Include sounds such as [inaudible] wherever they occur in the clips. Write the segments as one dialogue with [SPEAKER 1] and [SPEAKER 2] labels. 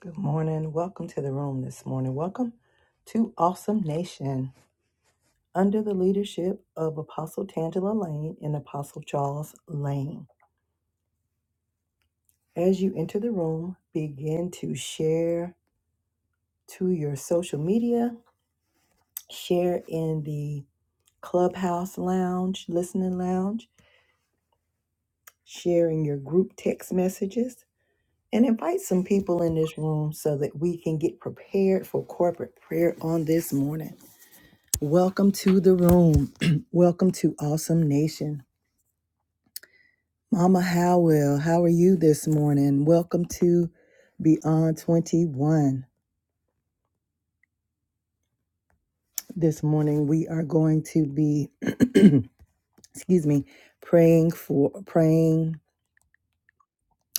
[SPEAKER 1] Good morning. Welcome to the room this morning. Welcome to Awesome Nation under the leadership of Apostle Tangela Lane and Apostle Charles Lane. As you enter the room, begin to share to your social media, share in the clubhouse lounge, listening lounge, sharing your group text messages, and invite some people in this room so that we can get prepared for corporate prayer on this morning. Welcome to the room. [clears throat] Welcome to Awesome Nation. Mama Howell, how are you this morning? Welcome to Beyond 21. This morning we are going to be, excuse me, praying for praying,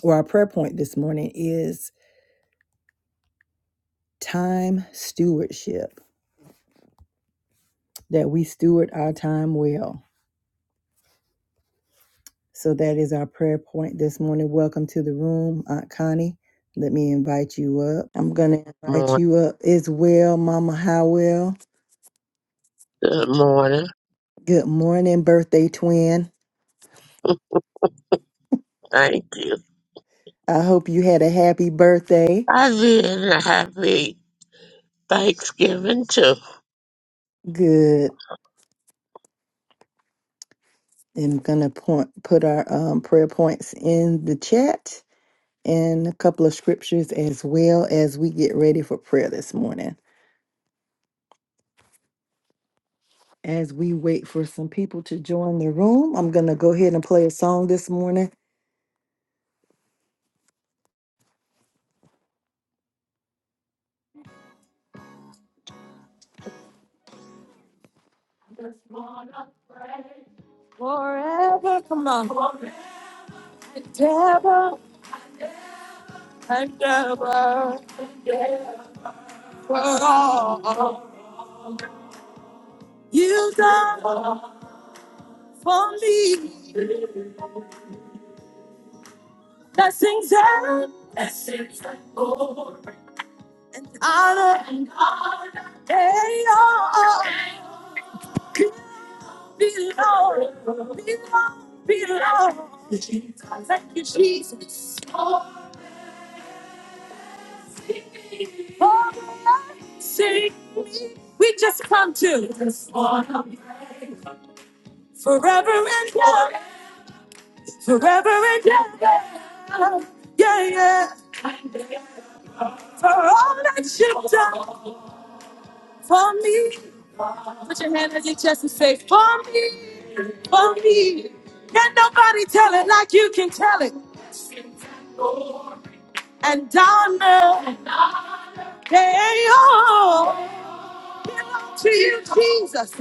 [SPEAKER 1] or our prayer point this morning is time stewardship, that we steward our time well. So that is our prayer point this morning. Welcome to the room, Aunt Connie. Let me invite you up. I'm going to invite
[SPEAKER 2] Morning,
[SPEAKER 1] you up as well, Mama Howell.
[SPEAKER 2] good morning.
[SPEAKER 1] Good morning, birthday twin.
[SPEAKER 2] Thank you.
[SPEAKER 1] I hope you had a happy birthday.
[SPEAKER 2] I did and a happy Thanksgiving too.
[SPEAKER 1] Good. I'm going to point, put our um, prayer points in the chat and a couple of scriptures as well as we get ready for prayer this morning. As we wait for some people to join the room, I'm going to go ahead and play a song this morning Forever, come on, forever and ever, for all you've done for me. Blessings and honor and they all could belong, belong, belong. Thank you, Jesus. For the sake we just come to forever and ever, forever and ever. Yeah, yeah. for all that you've done for me. Put your hand on your chest and say, For me, for me. Can nobody tell it like you can tell it? And Donna, they all belong to you, Jesus.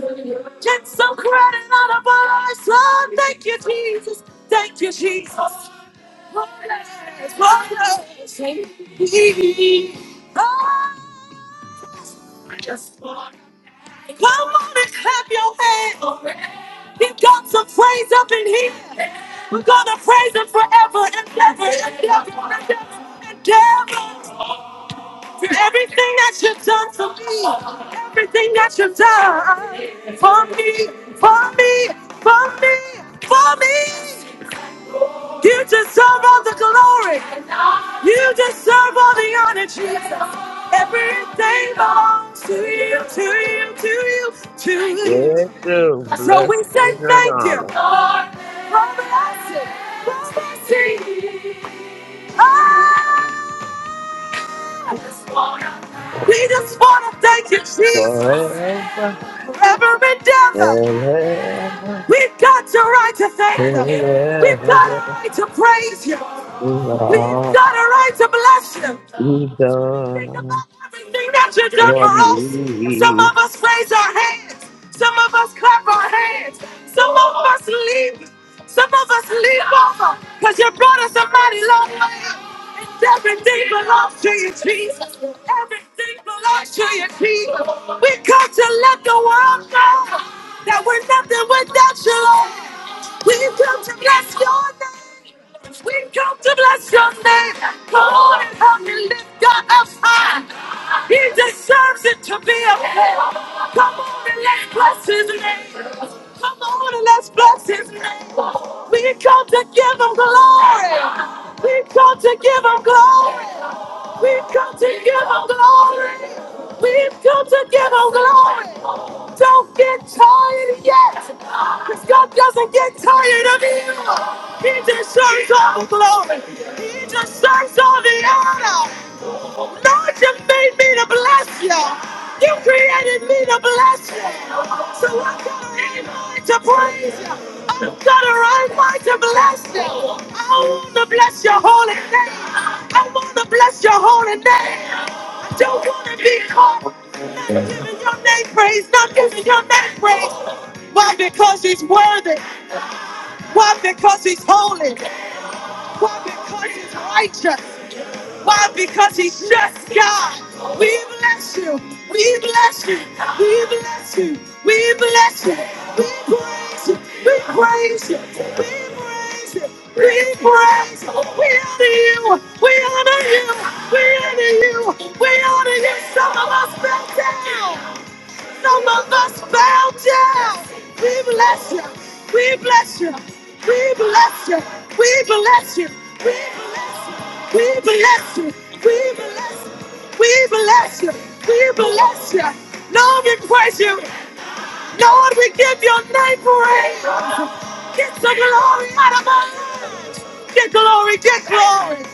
[SPEAKER 1] Get some credit out of our lives, Lord. Thank you, Jesus. Thank you, Jesus. Wonders, wonders. Oh, Come on and clap your hands. He got some praise up in here. We're gonna praise him forever and ever and ever and ever and ever. For everything that you've done for me, everything that you've done for me, for me, for me, for me. You deserve all the glory. You deserve all the honor, Jesus. Everything belongs to you, to you, to you, to you.
[SPEAKER 2] Yes, too.
[SPEAKER 1] So we
[SPEAKER 2] Blessing
[SPEAKER 1] say
[SPEAKER 2] and
[SPEAKER 1] thank you.
[SPEAKER 2] honor
[SPEAKER 1] Lord, mercy, mercy. Ah, we just want to thank you, Jesus.
[SPEAKER 2] forever
[SPEAKER 1] For every endeavor,
[SPEAKER 2] and ever
[SPEAKER 1] we've got the right to thank
[SPEAKER 2] and
[SPEAKER 1] them. We've got a
[SPEAKER 2] ever.
[SPEAKER 1] right to praise you.
[SPEAKER 2] is
[SPEAKER 1] We've
[SPEAKER 2] all
[SPEAKER 1] got a right to bless you.
[SPEAKER 2] you
[SPEAKER 1] Think
[SPEAKER 2] done
[SPEAKER 1] about everything that you've done
[SPEAKER 2] for
[SPEAKER 1] for us. Some
[SPEAKER 2] me.
[SPEAKER 1] of us raise our hands. Some of us clap our hands. Some of us leave. Some of us leave over because you brought us a mighty long way. And everything belongs to you, Jesus. Everything belongs to you, Jesus. We come to let the world know that we're nothing without you, Lord. We come to bless your name. We come to bless your name. Come on and help me lift God up high. He deserves it to be up there. Come on and let's bless his name. Come on and let's bless his name. We come to give him glory. We come to give him glory. We've come to give him glory. We've come to give him glory. Don't get tired yet. Because God doesn't get tired of you. He deserves all the glory. He deserves all the honor. Lord, you made me to bless you. You created me to bless you. So I got an amen to praise you. I've got a right mind to bless you. I want to bless your holy name. I want to bless your holy name. I don't want to be caught not giving your name praise, not giving your name praise. Why? Because he's worthy. Why? Because he's holy. Why? Because he's righteous. Why? Because he's just God. We bless you. We bless you. We bless you. We bless you. We praise you. We praise you. We praise you. We praise you. We honor you. We honor you. We honor you. We honor you. Some of us fell down among us bow down. We bless you. We bless you. We bless you. We bless you. We bless you. We bless you. We bless you. We bless you. We bless you. Lord, we praise you. Lord, we give your name praise. Get the glory out of our lives. Get glory. Get glory.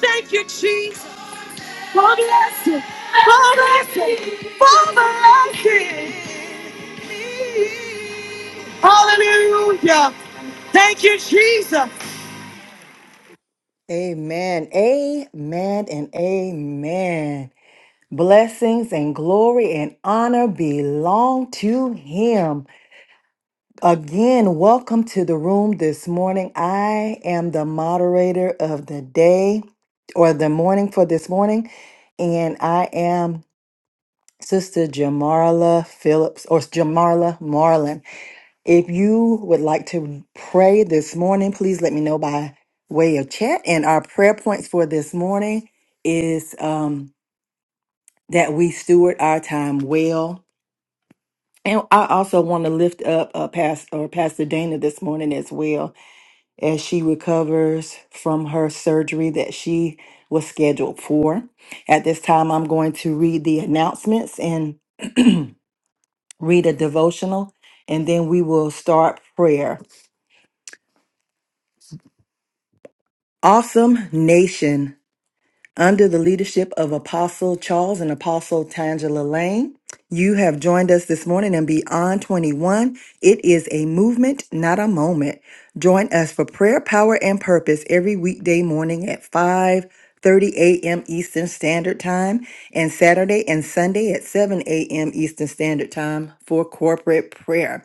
[SPEAKER 1] Thank you, Jesus. God bless you. God bless you. God bless you. Hallelujah. Thank you, Jesus. Amen. Amen and amen. Blessings and glory and honor belong to him. Again, welcome to the room this morning. I am the moderator of the day or the morning for this morning, and I am Sister Jamarla Phillips or Jamarla Marlin. If you would like to pray this morning, please let me know by way of chat. And our prayer points for this morning is um, that we steward our time well. And I also want to lift up uh, Pastor, or Pastor Dana this morning as well as she recovers from her surgery that she was scheduled for. At this time, I'm going to read the announcements and read a devotional, and then we will start prayer. Awesome Nation. Under the leadership of Apostle Charles and Apostle Tangela Lane, you have joined us this morning in Beyond 21. It is a movement, not a moment. Join us for prayer, power, and purpose every weekday morning at 5:30 a.m. Eastern Standard Time and Saturday and Sunday at 7 a.m. Eastern Standard Time for corporate prayer.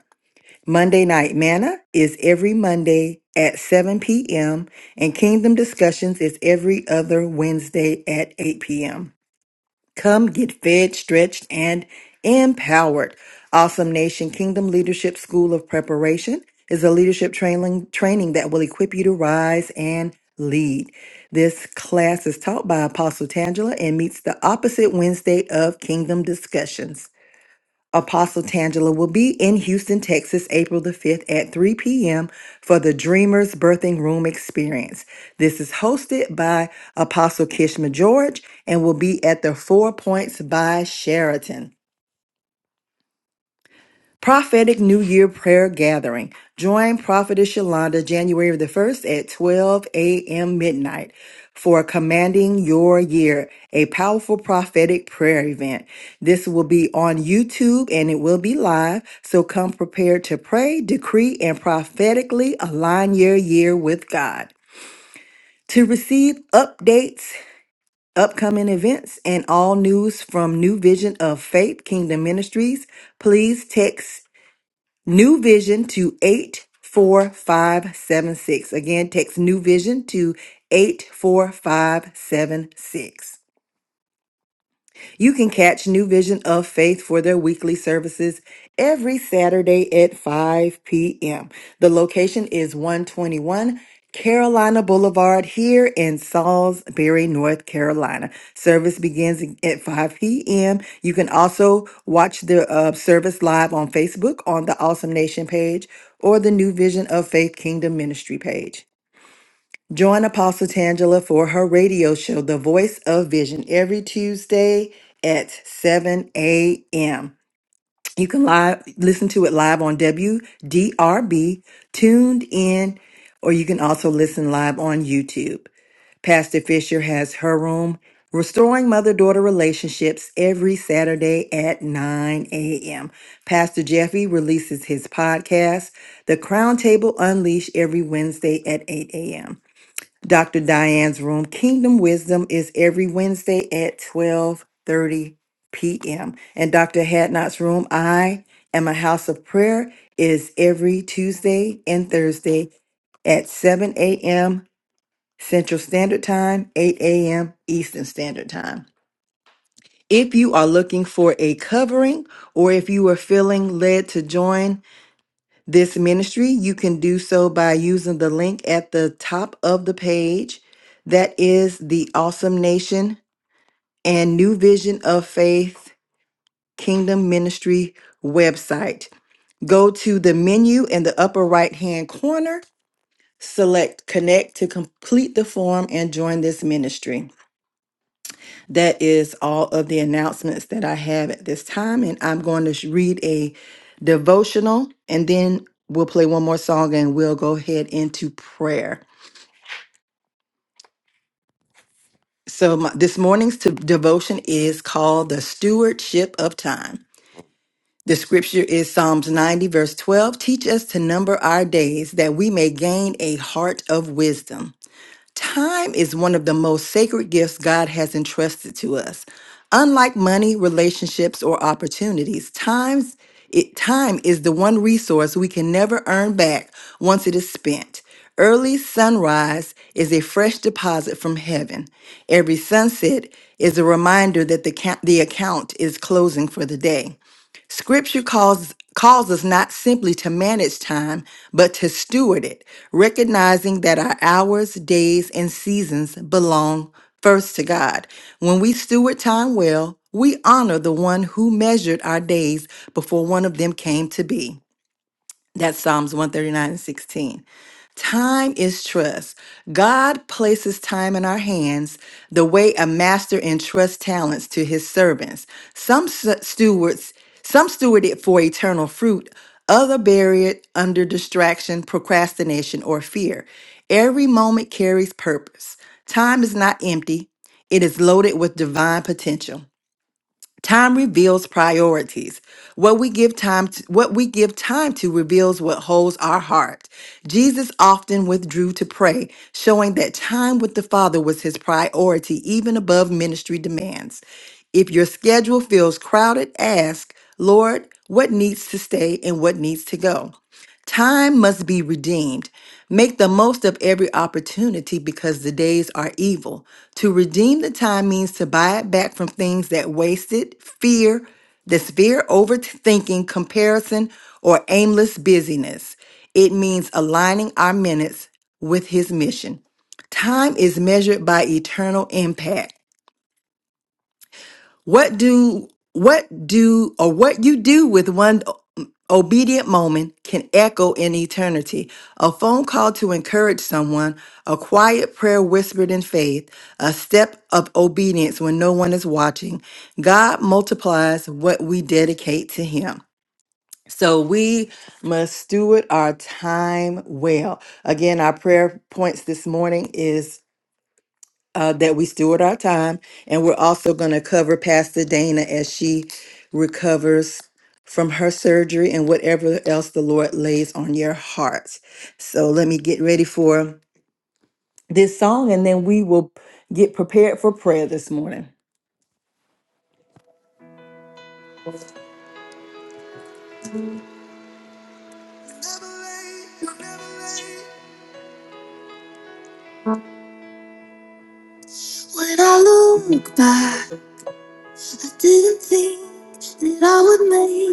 [SPEAKER 1] Monday Night Manna is every Monday at 7 p.m., and Kingdom Discussions is every other Wednesday at 8 p.m. Come get fed, stretched, and empowered. Awesome Nation Kingdom Leadership School of Preparation is a leadership training, training that will equip you to rise and lead. This class is taught by Apostle Tangela and meets the opposite Wednesday of Kingdom Discussions. Apostle Tangela will be in Houston, Texas, April the 5th at 3 p.m. for the Dreamers Birthing Room Experience. This is hosted by Apostle Kishma George and will be at the Four Points by Sheraton. Prophetic New Year Prayer Gathering. Join Prophetess Yolanda January the 1st at 12 a.m. midnight for Commanding Your Year, a powerful prophetic prayer event. This will be on YouTube and it will be live, so come prepared to pray, decree, and prophetically align your year with God. To receive updates, upcoming events, and all news from New Vision of Faith Kingdom Ministries, please text New Vision to 84576. Again, text New Vision to 84576. You can catch New Vision of Faith for their weekly services every Saturday at 5 p.m. The location is 121 Carolina Boulevard here in Salisbury, North Carolina. Service begins at 5 p.m. You can also watch the uh, service live on Facebook on the Awesome Nation page or the New Vision of Faith Kingdom Ministry page. Join Apostle Tangela for her radio show, The Voice of Vision, every Tuesday at 7 a.m. You can live listen to it live on WDRB, tuned in, or you can also listen live on YouTube. Pastor Fisher has her room, Restoring Mother Daughter Relationships, every Saturday at 9 a.m. Pastor Jeffy releases his podcast, The Crown Table Unleashed, every Wednesday at 8 a.m. Dr. Diane's room. Kingdom Wisdom is every Wednesday at 12:30 p.m. And Dr. Hadnot's room, I am a house of prayer, is every Tuesday and Thursday at 7 a.m. Central Standard Time, 8 a.m. Eastern Standard Time. If you are looking for a covering or if you are feeling led to join this ministry, you can do so by using the link at the top of the page. That is the Awesome Nation and New Vision of Faith Kingdom Ministry website. Go to the menu in the upper right hand corner, select Connect to complete the form and join this ministry. That is all of the announcements that I have at this time. And I'm going to sh- read a devotional and then we'll play one more song and we'll go ahead into prayer. So, my, this morning's to, devotion is called The Stewardship of Time. The scripture is Psalms 90, verse 12. Teach us to number our days that we may gain a heart of wisdom. Time is one of the most sacred gifts God has entrusted to us. Unlike money, relationships, or opportunities, times it, time is the one resource we can never earn back once it is spent. Early sunrise is a fresh deposit from heaven. Every sunset is a reminder that the, ca- the account is closing for the day. Scripture calls calls us not simply to manage time, but to steward it, recognizing that our hours, days, and seasons belong first to God. When we steward time well, we honor the one who measured our days before one of them came to be. That's Psalms 139 and 16. Time is trust. God places time in our hands the way a master entrusts talents to his servants. Some s- stewards, some steward it for eternal fruit, other bury it under distraction, procrastination, or fear. Every moment carries purpose. Time is not empty, it is loaded with divine potential. Time reveals priorities. What we give time to, what we give time to reveals what holds our heart. Jesus often withdrew to pray, showing that time with the Father was his priority even above ministry demands. If your schedule feels crowded, ask, "Lord, what needs to stay and what needs to go?" Time must be redeemed. Make the most of every opportunity because the days are evil. To redeem the time means to buy it back from things that wasted, fear, this fear, overthinking, comparison, or aimless busyness. It means aligning our minutes with His mission. Time is measured by eternal impact. What do what do or what you do with one obedient moment can echo in eternity. A phone call to encourage someone, a quiet prayer whispered in faith, a step of obedience when no one is watching. God multiplies what we dedicate to him. So we must steward our time well. Again, our prayer points this morning is uh, that we steward our time. And we're also going to cover Pastor Dana as she recovers from her surgery and whatever else the Lord lays on your hearts. So let me get ready for this song and then we will get prepared for prayer this morning. When I look back, I didn't think that I would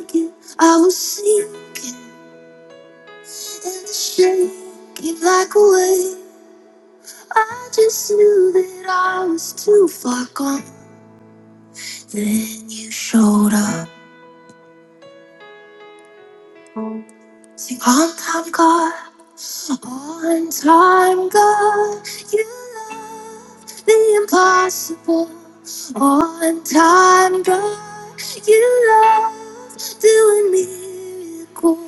[SPEAKER 1] make it. I was sinking and shaking like a wave. I just knew that I was too far gone. Then you showed up. Sing on time, God, on time, God. You love the impossible. On time, God, you love doing miracles.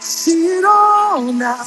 [SPEAKER 1] Sing it all now.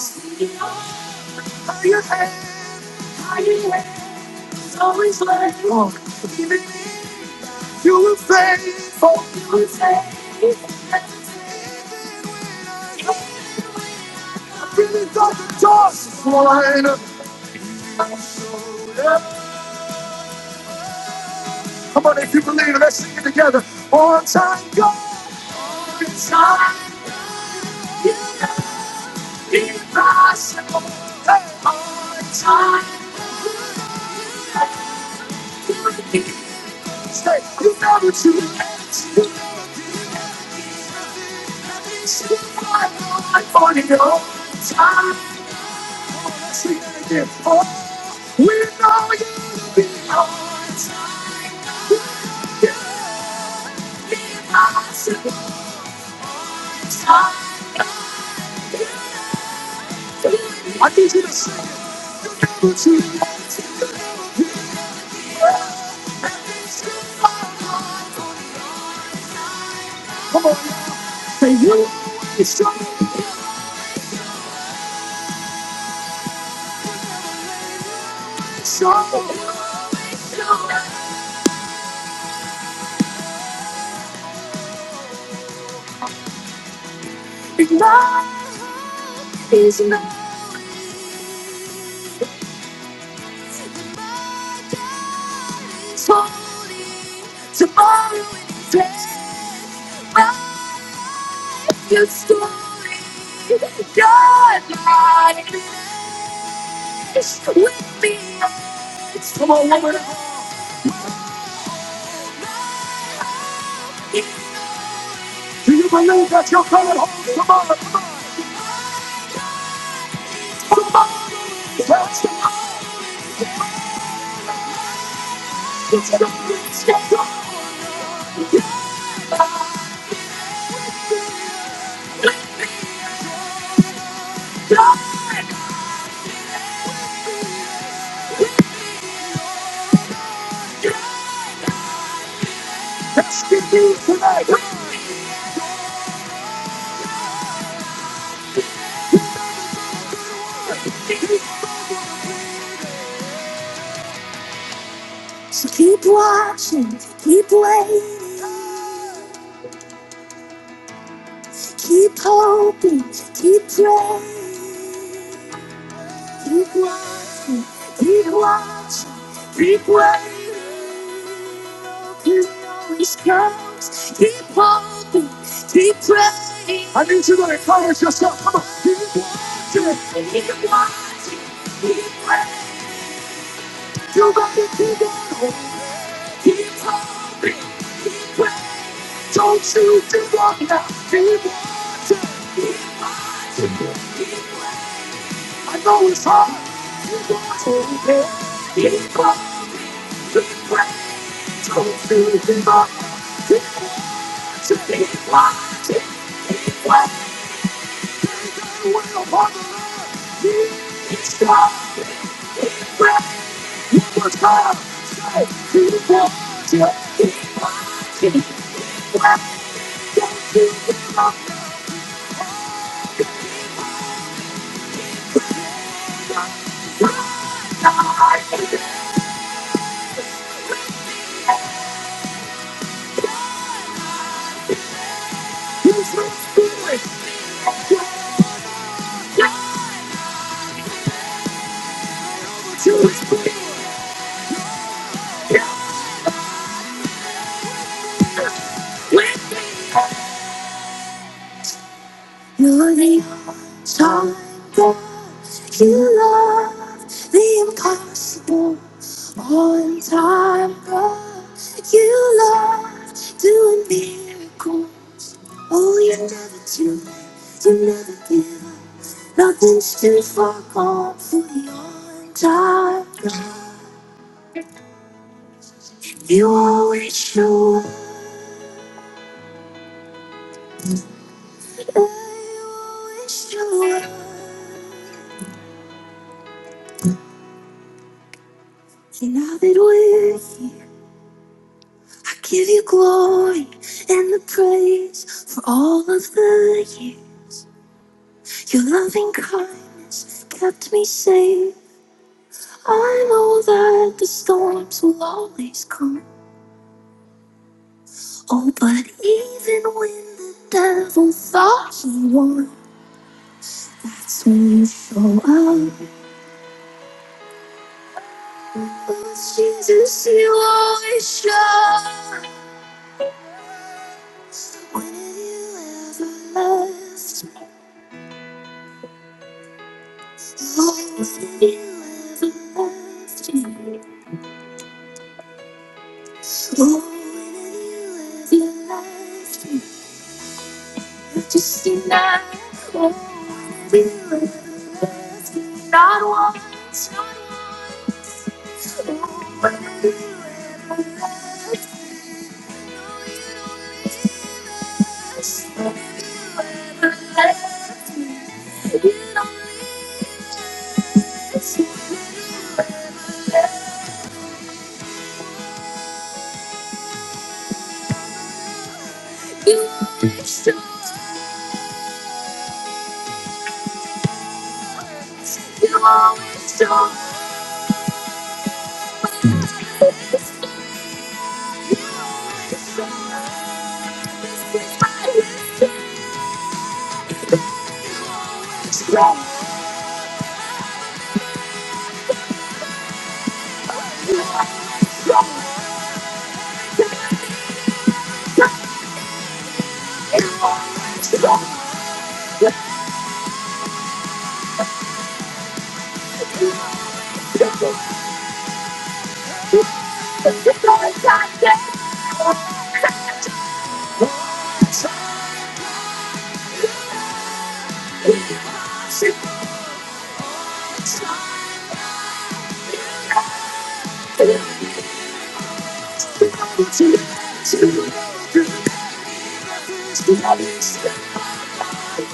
[SPEAKER 1] It's my is my Tomorrow is late. Write your story. God, my wish will be yours. Come on, woman. Do you believe that you're coming home tomorrow? That's tomorrow. It's gonna be so good. So keep watching, keep waiting. Keep hoping, keep praying, keep watching, keep watching, baby. You always comes. Keep hoping, keep praying. I know it's hard. I know it's hard. Keep watching, yeah. keep watching, keep praying. Don't do it anymore. Keep watching, keep watching, keep watching. God will follow. Spirit You're the time that you love the impossible on time, God. You love doing miracles. Oh, you are never too late, you never give up. Nothing's too far gone for the on time, God. You always show up. I always show up. And I've been with you. I give you glory and the praise for all of the years. Your loving kindness kept me safe. I know that the storms will always come. Oh, but even when the devil thought he won, that's when you show up. Oh, Jesus, you always show up. When have you ever left Just deny. Oh, Thank you. you always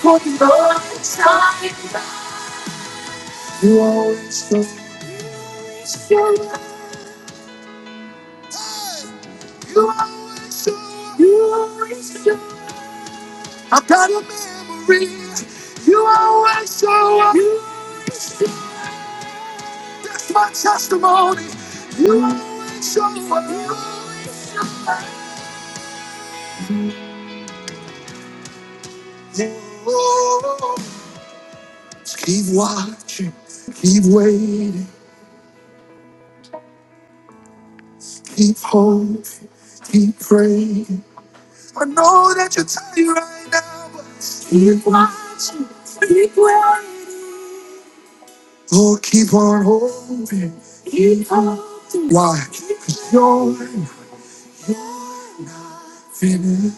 [SPEAKER 1] always always show. show. show. You always show. up. You always show. up. I've got a memory. You always show up. That's my testimony. You always show up. You always- Oh, Just keep watching. Keep waiting. Keep hoping. Keep praying. I know that you're tired right now, but keep watching. Lord, keep on hoping. Keep hoping. Why? Because you you're. You're not finished.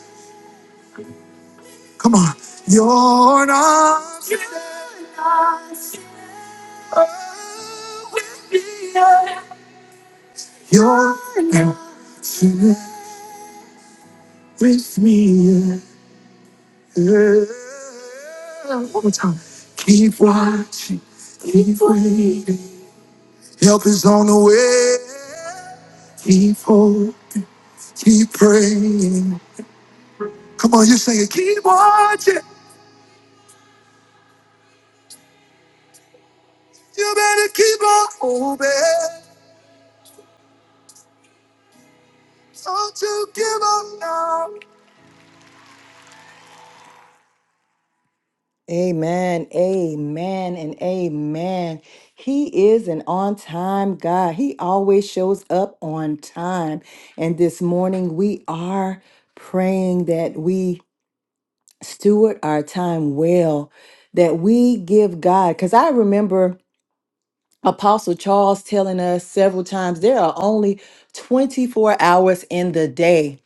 [SPEAKER 1] Come on. You're not finished. with me yet. You're not finished with me. yet. Oh, Keep watching. Keep waiting. Help is on the way. Keep hoping. Keep praying. Come on, you sing it. Keep watching. You better keep on hoping. Don't you give up now. Amen, amen, and amen. He is an on time God. He always shows up on time. And this morning, we are praying that we steward our time well, that we give God. Because I remember Apostle Charles telling us several times there are only 24 hours in the day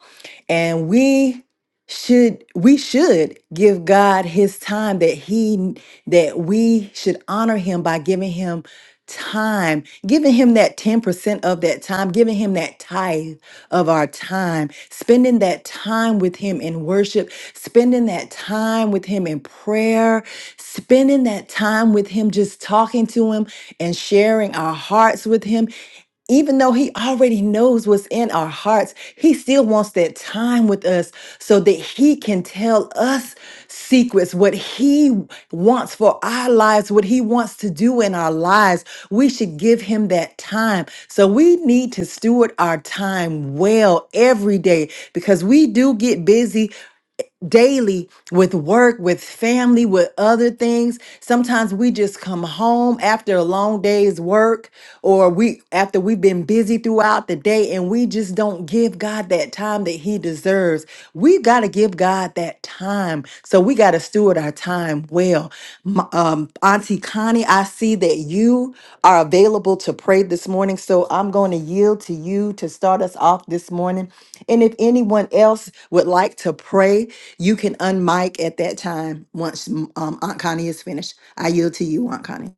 [SPEAKER 1] and we should we should give God his time that he that we should honor him by giving him time giving him that 10% of that time giving him that tithe of our time spending that time with him in worship spending that time with him in prayer spending that time with him just talking to him and sharing our hearts with him even though he already knows what's in our hearts, he still wants that time with us so that he can tell us secrets, what he wants for our lives, what he wants to do in our lives. We should give him that time. So we need to steward our time well every day because we do get busy daily with work, with family, with other things. Sometimes we just come home after a long day's work or we after we've been busy throughout the day and we just don't give God that time that he deserves. We got to give God that time. So we got to steward our time well. M- Um Auntie Connie, I see that you are available to pray this morning, so I'm going to yield to you to start us off this morning. And if anyone else would like to pray, you can unmic at that time once um, Aunt Connie is finished. I yield to you, Aunt Connie.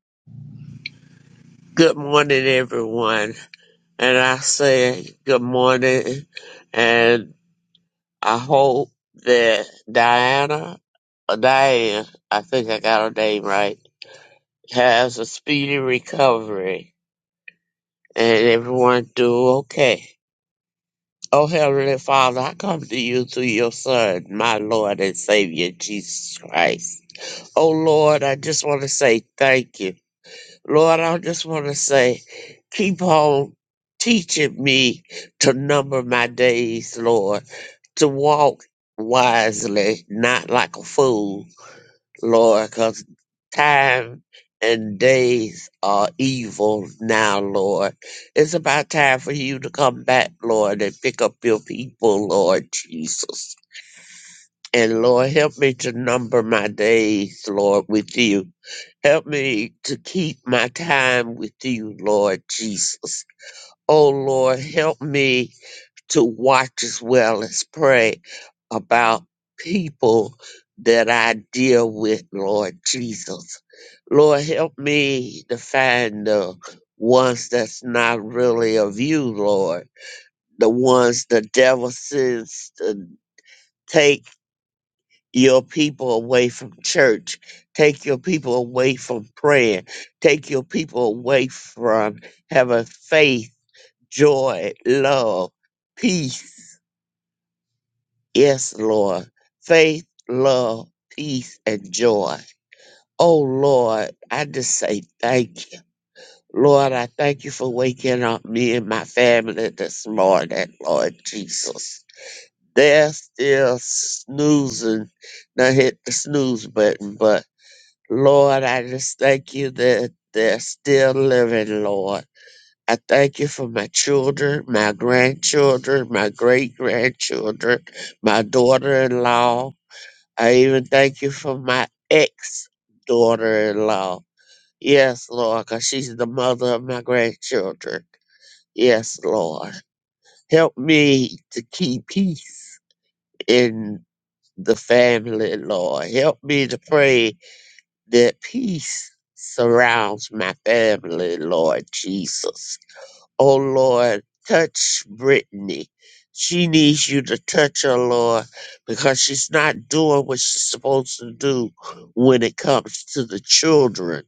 [SPEAKER 2] Good morning, everyone. And I say good morning, and I hope that Diana or Diane, I think I got her name right has a speedy recovery and everyone do okay. Oh Heavenly Father, I come to you through your Son, my Lord and Savior, Jesus Christ. Oh Lord, I just want to say thank you. Lord, I just want to say, keep on teaching me to number my days, Lord, to walk wisely, not like a fool Lord, because time and days are evil now, Lord. It's about time for you to come back, Lord, and pick up your people, Lord Jesus. And Lord, help me to number my days, Lord, with you. Help me to keep my time with you, Lord Jesus. Oh, Lord, help me to watch as well as pray about people that I deal with, Lord Jesus. Lord, help me to find the ones that's not really of you, Lord. The ones the devil sends to take your people away from church, take your people away from praying, take your people away from having faith, joy, love, peace Yes, Lord. Faith, love, peace, and joy. Oh, Lord, I just say thank you. Lord, I thank you for waking up me and my family this morning, Lord Jesus. They're still snoozing. Now hit the snooze button, but Lord, I just thank you that they're still living, Lord. I thank you for my children, my grandchildren, my great grandchildren, my daughter in law. I even thank you for my ex daughter in law. Yes, Lord, because she's the mother of my grandchildren. Yes, Lord. Help me to keep peace in the family, Lord. Help me to pray that peace surrounds my family, Lord Jesus. Oh Lord, touch Brittany. She needs you to touch her, Lord, because she's not doing what she's supposed to do when it comes to the children.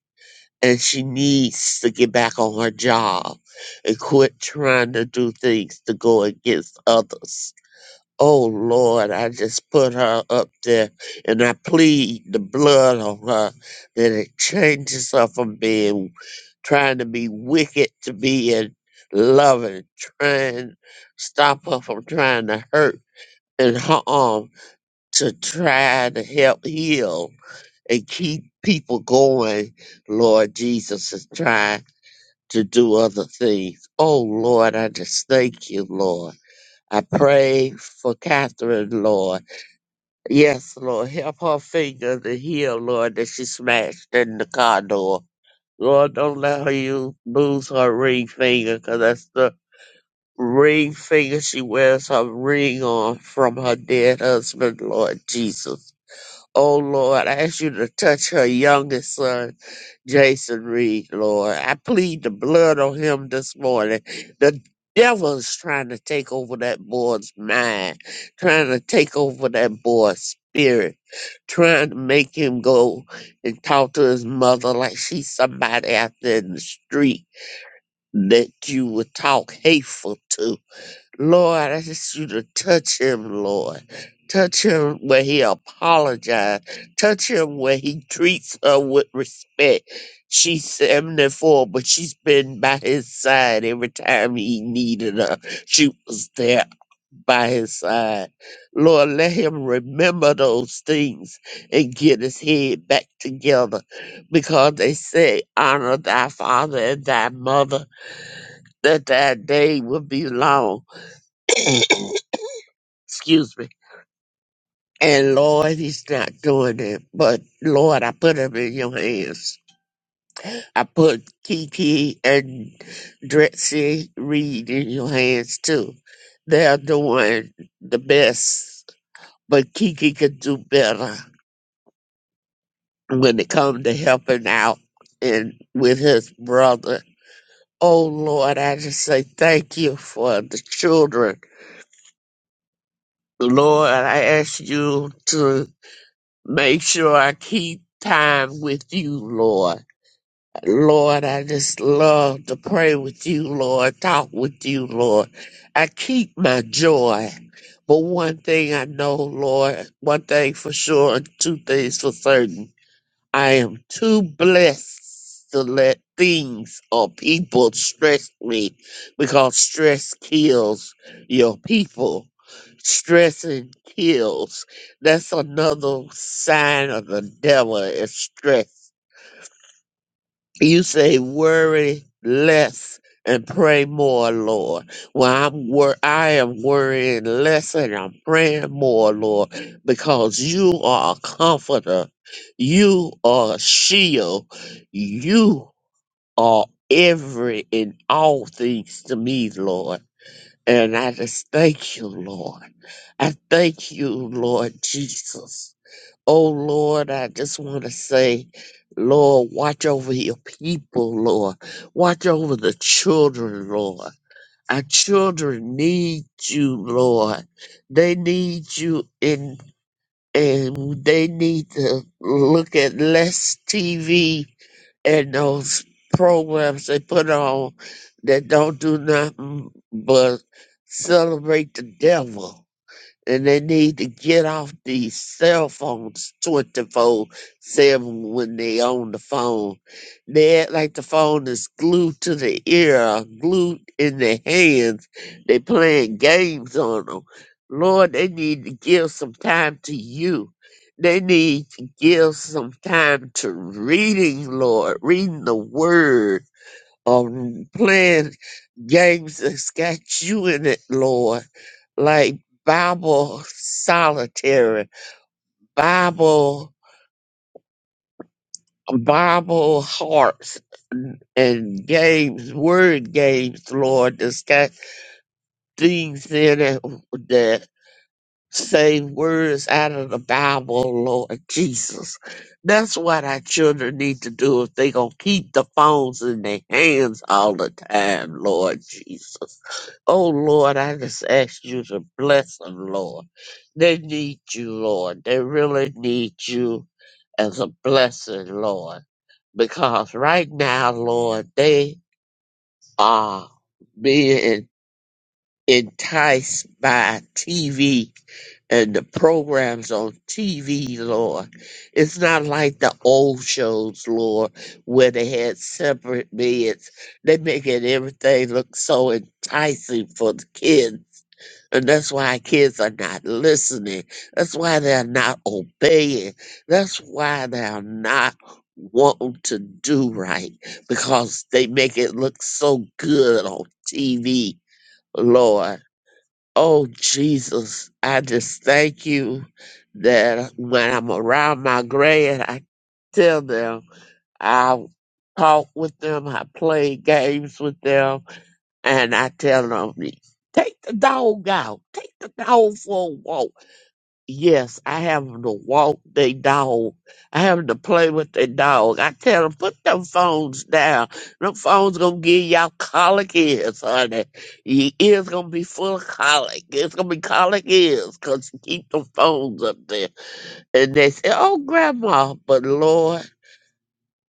[SPEAKER 2] And she needs to get back on her job and quit trying to do things to go against others. Oh Lord, I just put her up there and I plead the blood on her that it changes her from being trying to be wicked to being loving, trying stop her from trying to hurt and harm to try to help heal and keep people going. Lord Jesus is trying to do other things. Oh Lord, I just thank you, Lord. I pray for Catherine, Lord. Yes, Lord, help her finger to heal, Lord, that she smashed in the car door. Lord, don't let her use, lose her ring finger, 'cause that's the ring finger she wears her ring on from her dead husband, Lord Jesus. Oh, Lord, I ask you to touch her youngest son Jason Reed, Lord. I plead the blood on him this morning. The devil's trying to take over that boy's mind, trying to take over that boy's spirit, trying to make him go and talk to his mother like she's somebody out there in the street that you would talk hateful to. Lord, I just you to touch him, Lord. Touch him where he apologized. Touch him where he treats her with respect. She's 74, but she's been by his side every time he needed her. She was there by his side. Lord, let him remember those things and get his head back together because they say, honor thy father and thy mother, that thy day will be long. Excuse me. And Lord, he's not doing it. But Lord, I put him in your hands. I put Kiki and Drexy Reed in your hands too. They're doing the best, but Kiki could do better when it comes to helping out and with his brother. Oh Lord, I just say thank you for the children. Lord, I ask you to make sure I keep time with you, Lord Lord, I just love to pray with you, Lord, talk with you, Lord. I keep my joy. But one thing I know, Lord, one thing for sure, and two things for certain. I am too blessed to let things or people stress me because stress kills your people. Stressing kills. That's another sign of the devil is stress you say worry less and pray more, Lord. Well, I'm wor- I am worrying less and I'm praying more, Lord, because you are a comforter. You are a shield. You are every and all things to me, Lord. And I just thank you, Lord. I thank you, Lord Jesus. Oh Lord, I just want to say, Lord, watch over your people, Lord. Watch over the children, Lord. Our children need you, Lord. They need you in and they need to look at less TV and those programs they put on that don't do nothing but celebrate the devil and they need to get off these cell phones 24 7 when they on the phone. They act like the phone is glued to the ear, uh, glued in their hands. They playing games on them. Lord, they need to give some time to you. They need to give some time to reading, Lord, reading the word, or playing Games that's got you in it, Lord, like Bible Solitaire, Bible, Bible hearts, and and games, word games, Lord, that's got things in it that. say words out of the Bible, Lord Jesus. That's what our children need to do if they gonna keep the phones in their hands all the time, Lord Jesus. Oh Lord, I just ask you to bless them, Lord. They need you, Lord. They really need you as a blessing, Lord. Because right now, Lord, they are being enticed by TV and the programs on TV, Lord. It's not like the old shows, Lord, where they had separate beds. They make it everything look so enticing for the kids. And that's why kids are not listening. That's why they're not obeying. That's why they're not wanting to do right because they make it look so good on TV, Lord. Oh, Jesus, I just thank you that when I'm around my grand, I tell them, I talk with them, I play games with them, and I tell them, take the dog out, take the dog for a walk. Yes, I have 'em to walk their dog. I have 'em to play with their dog. I tell them put them phones down. Them phones gonna give y'all colic ears, honey. Your ears gonna be full of colic. It's gonna be colic ears 'cause you keep them phones up there. And they say, "Oh, grandma," but Lord,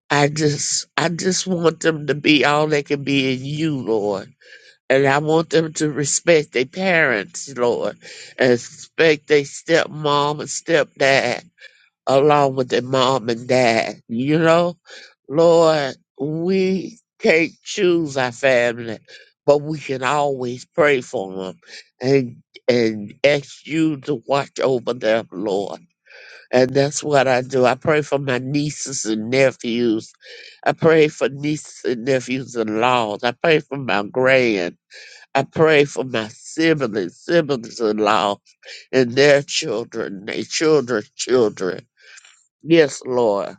[SPEAKER 2] I just, I just want them to be all they can be in you, Lord. And I want them to respect their parents, Lord, and respect their stepmom and stepdad along with their mom and dad. You know, Lord, we can't choose our family, but we can always pray for them and, and ask you to watch over them, Lord. And that's what I do. I pray for my nieces and nephews. I pray for nieces and nephews and laws. I pray for my grand. I pray for my siblings, siblings in law, and their children, their children's children. Yes, Lord.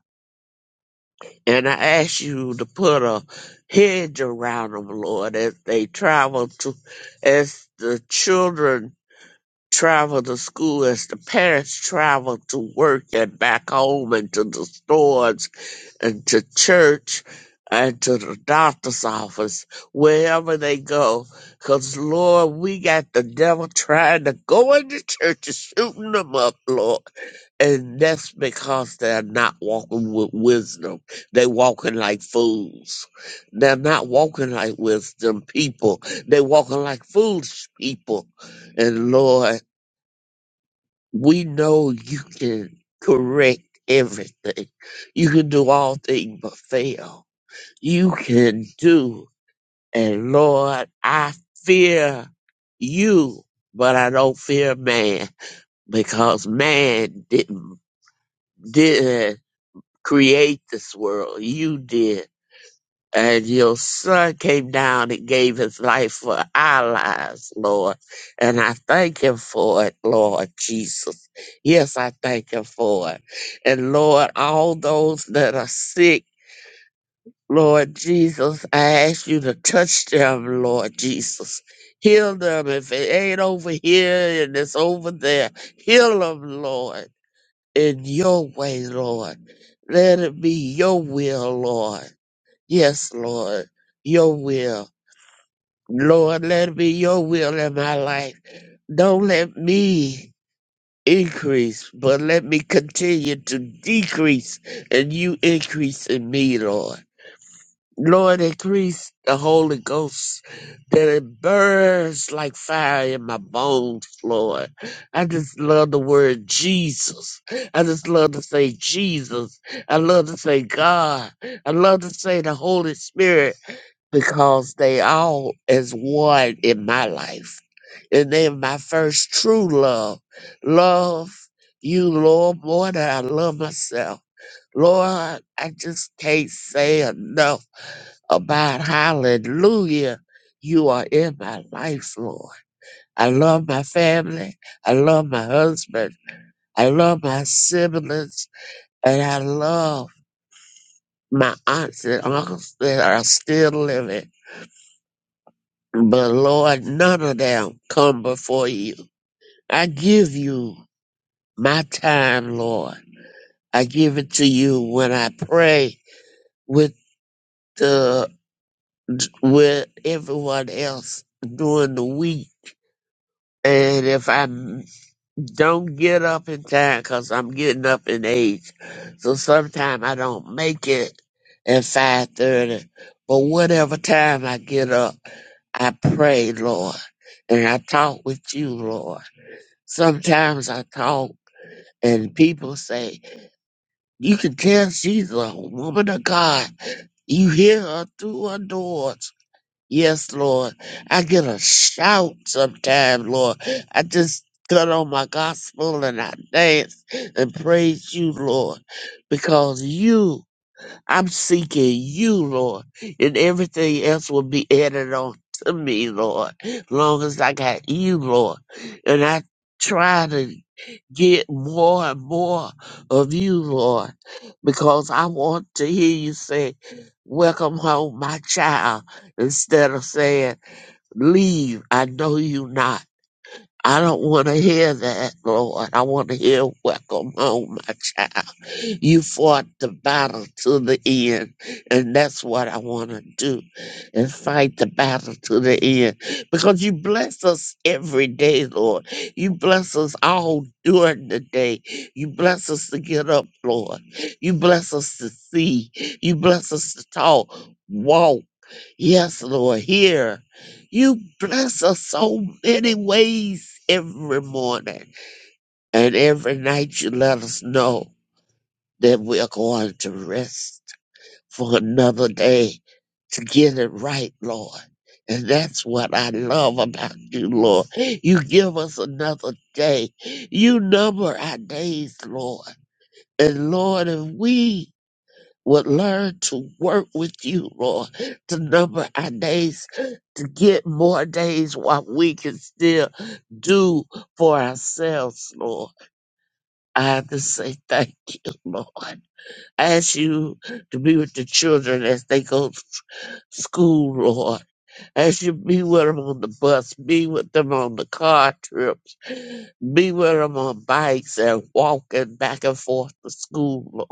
[SPEAKER 2] And I ask you to put a hedge around them, Lord, as they travel to, as the children travel to school, as the parents travel to work and back home and to the stores and to church and to the doctor's office, wherever they go. Because, Lord, we got the devil trying to go into churches, shooting them up, Lord. And that's because they're not walking with wisdom. They walking like fools. They're not walking like wisdom people. They walking like foolish people. And Lord, we know you can correct everything. You can do all things but fail. You can do. And Lord, I fear you, but I don't fear man because man didn't, didn't create this world. You did. And your son came down and gave his life for our lives, Lord. And I thank him for it, Lord Jesus. Yes, I thank him for it. And Lord, all those that are sick, Lord Jesus, I ask you to touch them, Lord Jesus. Heal them if it ain't over here and it's over there. Heal them, Lord, in your way, Lord. Let it be your will, Lord. Yes, Lord, your will. Lord, let it be your will in my life. Don't let me increase, but let me continue to decrease and you increase in me, Lord. Lord, increase the Holy Ghost that it burns like fire in my bones, Lord. I just love the word Jesus. I just love to say Jesus. I love to say God. I love to say the Holy Spirit because they all is one in my life. And then my first true love, love you, Lord, more than I love myself. Lord, I just can't say enough about hallelujah. You are in my life, Lord. I love my family. I love my husband. I love my siblings. And I love my aunts and uncles that are still living. But Lord, none of them come before you. I give you my time, Lord. I give it to you when I pray with the with everyone else during the week. And if I m- don't get up in time, cause I'm getting up in age, so sometimes I don't make it at five thirty. But whatever time I get up, I pray, Lord, and I talk with you, Lord. Sometimes I talk and people say, You can tell she's a woman of God. You hear her through her doors. Yes, Lord. I get a shout sometime, Lord. I just cut on my gospel and I dance and praise you, Lord, because you, I'm seeking you, Lord, and everything else will be added on to me, Lord, long as I got you, Lord. And I try to get more and more of you, Lord, because I want to hear you say, Welcome home, my child, instead of saying, Leave, I know you not. I don't want to hear that, Lord. I want to hear welcome home, my child. You fought the battle to the end, and that's what I want to do, and fight the battle to the end. Because you bless us every day, Lord. You bless us all during the day. You bless us to get up, Lord. You bless us to see. You bless us to talk, walk. Yes, Lord, here. You bless us so many ways every morning. And every night you let us know that we are going to rest for another day to get it right, Lord. And that's what I love about you, Lord. You give us another day. You number our days, Lord. And Lord, if we would learn to work with you, Lord, to number our days, to get more days while we can still do for ourselves, Lord. I have to say thank you, Lord. I ask you to be with the children as they go to school, Lord. I ask you to be with them on the bus, be with them on the car trips, be with them on bikes and walking back and forth to school, Lord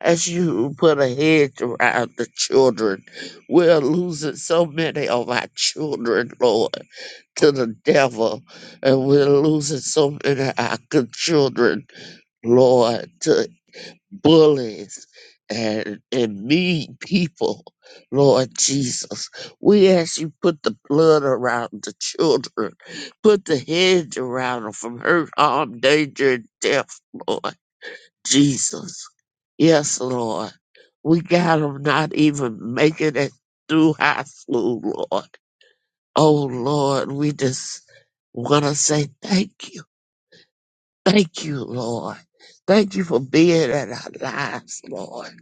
[SPEAKER 2] as you put a hedge around the children. We're losing so many of our children, Lord, to the devil, and we're losing so many of our good children, Lord, to bullies and, and mean people, Lord Jesus. We ask you put the blood around the children, put the hedge around them from hurt, harm, danger, and death, Lord. Jesus. Yes, Lord. We got them not even making it through high school, Lord. Oh, Lord, we just want to say thank you. Thank you, Lord. Thank you for being in our lives, Lord.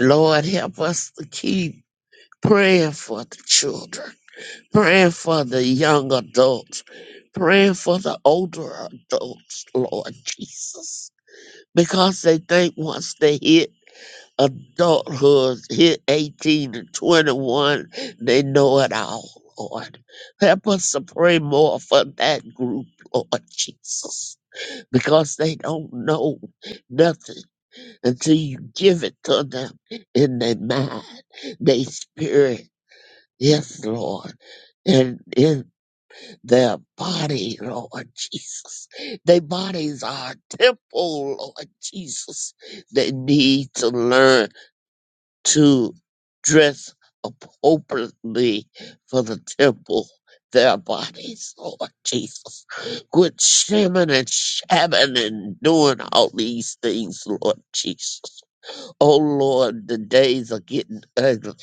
[SPEAKER 2] Lord, help us to keep praying for the children, praying for the young adults, praying for the older adults, Lord Jesus. Because they think once they hit adulthood, hit 18 to 21, they know it all, Lord. Help us to pray more for that group, Lord Jesus, because they don't know nothing until you give it to them in their mind, their spirit. Yes, Lord, and in their body, Lord Jesus. Their bodies are a temple, Lord Jesus. They need to learn to dress appropriately for the temple, their bodies, Lord Jesus. Quit shaming and shamming and doing all these things, Lord Jesus. Oh Lord, the days are getting ugly,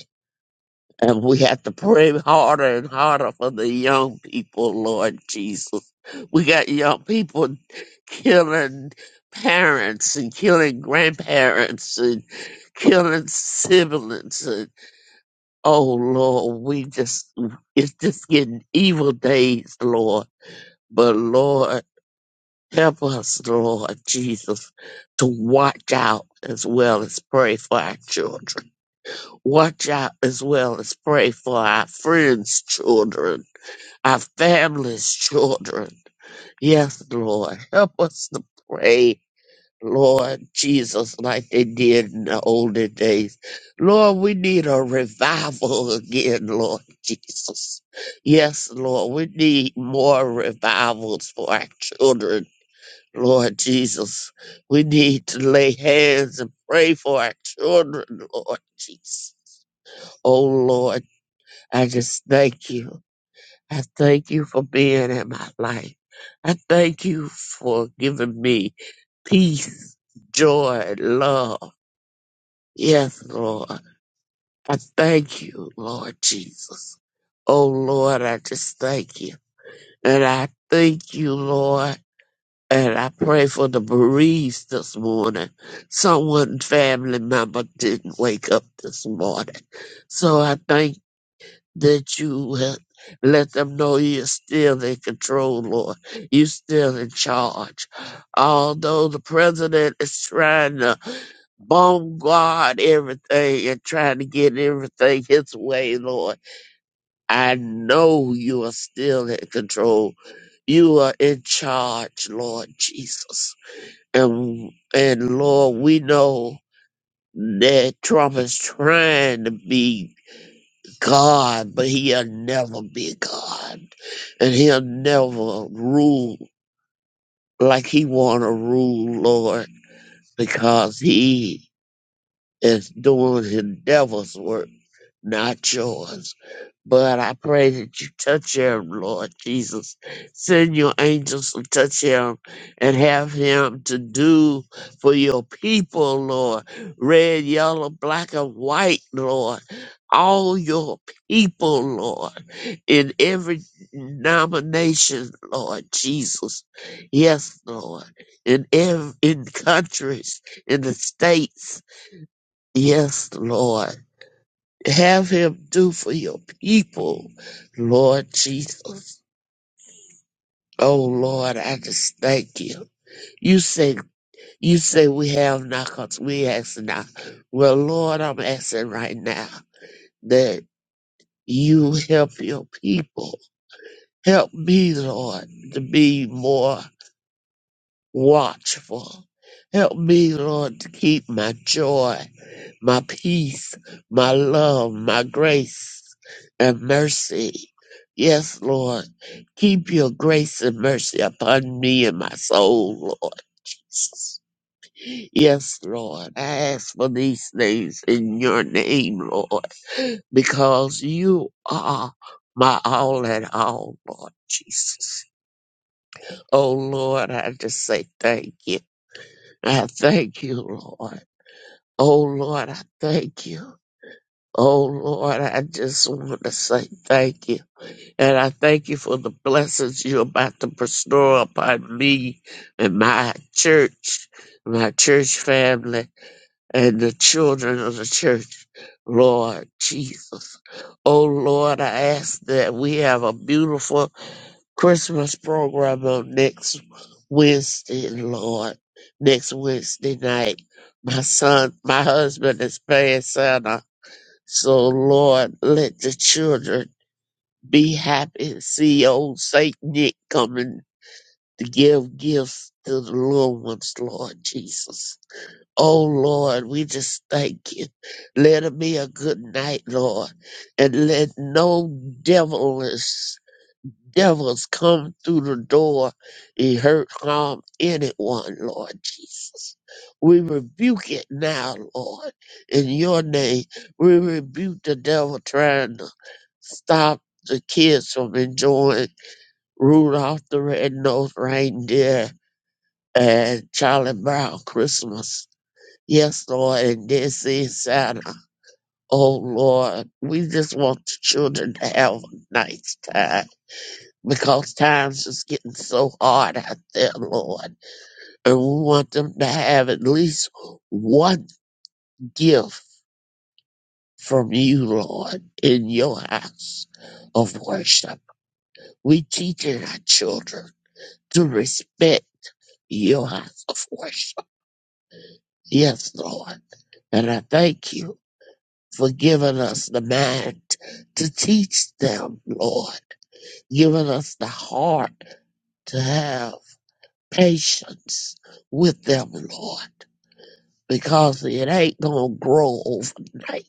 [SPEAKER 2] and we have to pray harder and harder for the young people, Lord Jesus. We got young people killing parents and killing grandparents and killing siblings and. Oh Lord, we just it's just getting evil days, Lord. But Lord, help us, Lord Jesus, to watch out as well as pray for our children. Watch out as well as pray for our friends' children, our family's children. Yes, Lord, help us to pray Lord Jesus, like they did in the older days. Lord, we need a revival again, Lord Jesus. Yes, Lord, we need more revivals for our children, Lord Jesus. We need to lay hands and pray for our children, Lord Jesus. Oh, Lord, I just thank you. I thank you for being in my life. I thank you for giving me peace, joy, and love. Yes, Lord. I thank you, Lord Jesus. Oh, Lord, I just thank you. And I thank you, Lord. And I pray for the bereaved this morning. Someone family member didn't wake up this morning. So I thank that you have let them know you're still in control, Lord. You're still in charge. Although the president is trying to bombard everything and trying to get everything his way, Lord, I know you are still in control. You are in charge, Lord Jesus. And, and Lord, we know that Trump is trying to be God, but he'll never be God. And he'll never rule like he wanna rule, Lord, because he is doing the devil's work, not yours. But I pray that you touch him, Lord Jesus. Send your angels to touch him and have him to do for your people, Lord. Red, yellow, black, and white, Lord. All your people, Lord, in every nomination, Lord Jesus. Yes, Lord. In ev- in countries, in the states, Yes, Lord. Have him do for your people, Lord Jesus. Oh Lord, I just thank you. You say you say we have not 'cause we ask not. Well, Lord, I'm asking right now that you help your people. Help me, Lord, to be more watchful. Help me, Lord, to keep my joy. my peace, my love, my grace and mercy. Yes, Lord, keep your grace and mercy upon me and my soul, Lord Jesus. Yes, Lord, I ask for these things in your name, Lord, because you are my all in all, Lord Jesus. Oh, Lord, I just say thank you. I thank you, Lord. Oh, Lord, I thank you. Oh Lord, I just want to say thank you. And I thank you for the blessings you're about to bestow upon me and my church, my church family, and the children of the church. Lord Jesus. Oh Lord, I ask that we have a beautiful Christmas program on next Wednesday, Lord. Next Wednesday night. My son, my husband is playing Santa so, Lord, let the children be happy. See old Saint Nick coming to give gifts to the little ones, Lord Jesus. Oh, Lord, we just thank you. Let it be a good night, Lord. And let no devilish devils come through the door and hurt, harm anyone, Lord Jesus. We rebuke it now, Lord, in your name. We rebuke the devil trying to stop the kids from enjoying Rudolph the Red-Nosed Reindeer and Charlie Brown Christmas. Yes, Lord, and this is Santa. Oh, Lord, we just want the children to have a nice time because times is getting so hard out there, Lord. And we want them to have at least one gift from you, Lord, in your house of worship. We teaching our children. to respect your house of worship. Yes, Lord. And I thank you for giving us the mind to teach them, Lord, giving us the heart to have patience with them, Lord, because it ain't going to grow overnight.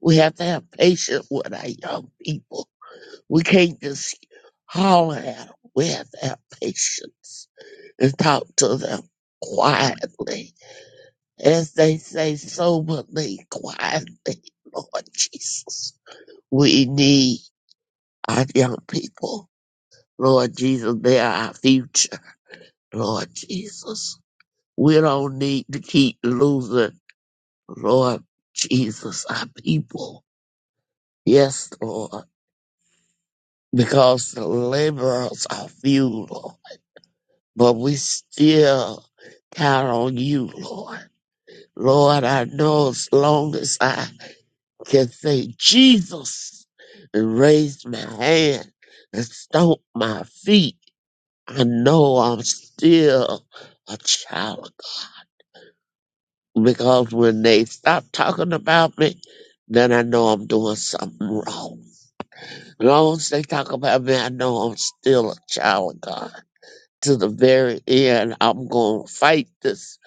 [SPEAKER 2] We have to have patience with our young people. We can't just holler at them. We have to have patience and talk to them quietly as they say soberly, quietly, Lord Jesus. We need our young people. Lord Jesus, they are our future, Lord Jesus. We don't need to keep losing, Lord Jesus, our people. Yes, Lord, because the laborers are few, Lord, but we still count on you, Lord. Lord, I know as long as I can say Jesus and raise my hand and stomp my feet, I know I'm still a child. of God. Because when they stop talking about me, then I know I'm doing something wrong. As long as they talk about me, I know I'm still a child of God. To the very end, I'm going to fight this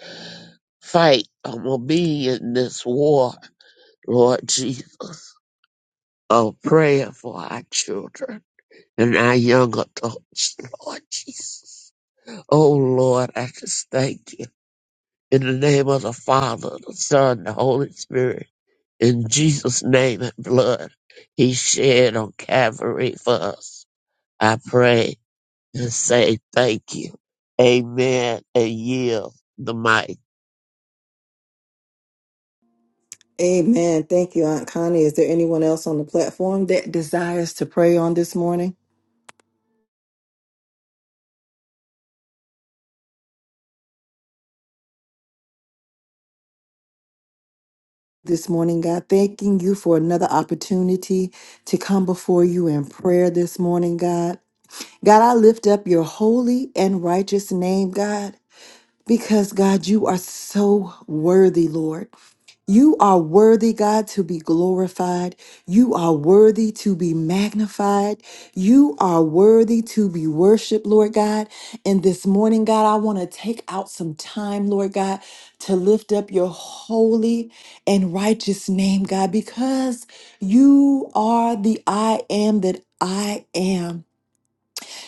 [SPEAKER 2] fight. I'm going to be in this war, Lord Jesus. I'm praying for our children. And our young adults, Lord Jesus. Oh Lord, I just thank you. In the name of the Father, the Son, the Holy Spirit, in Jesus' name and blood He shed on Calvary for us. I pray and say thank you. Amen and yield the mic.
[SPEAKER 1] Amen. Thank you, Aunt Connie. Is there anyone else on the platform that desires to pray on this morning? This morning, God, thanking you for another opportunity to come before you in prayer this morning, God. God, I lift up your holy and righteous name, God. because God, you are so worthy, Lord. You are worthy, God, to be glorified. You are worthy to be magnified. You are worthy to be worshiped, Lord God. And this morning, God, I want to take out some time, Lord God, to lift up your holy and righteous name, God, because you are the I am that I am.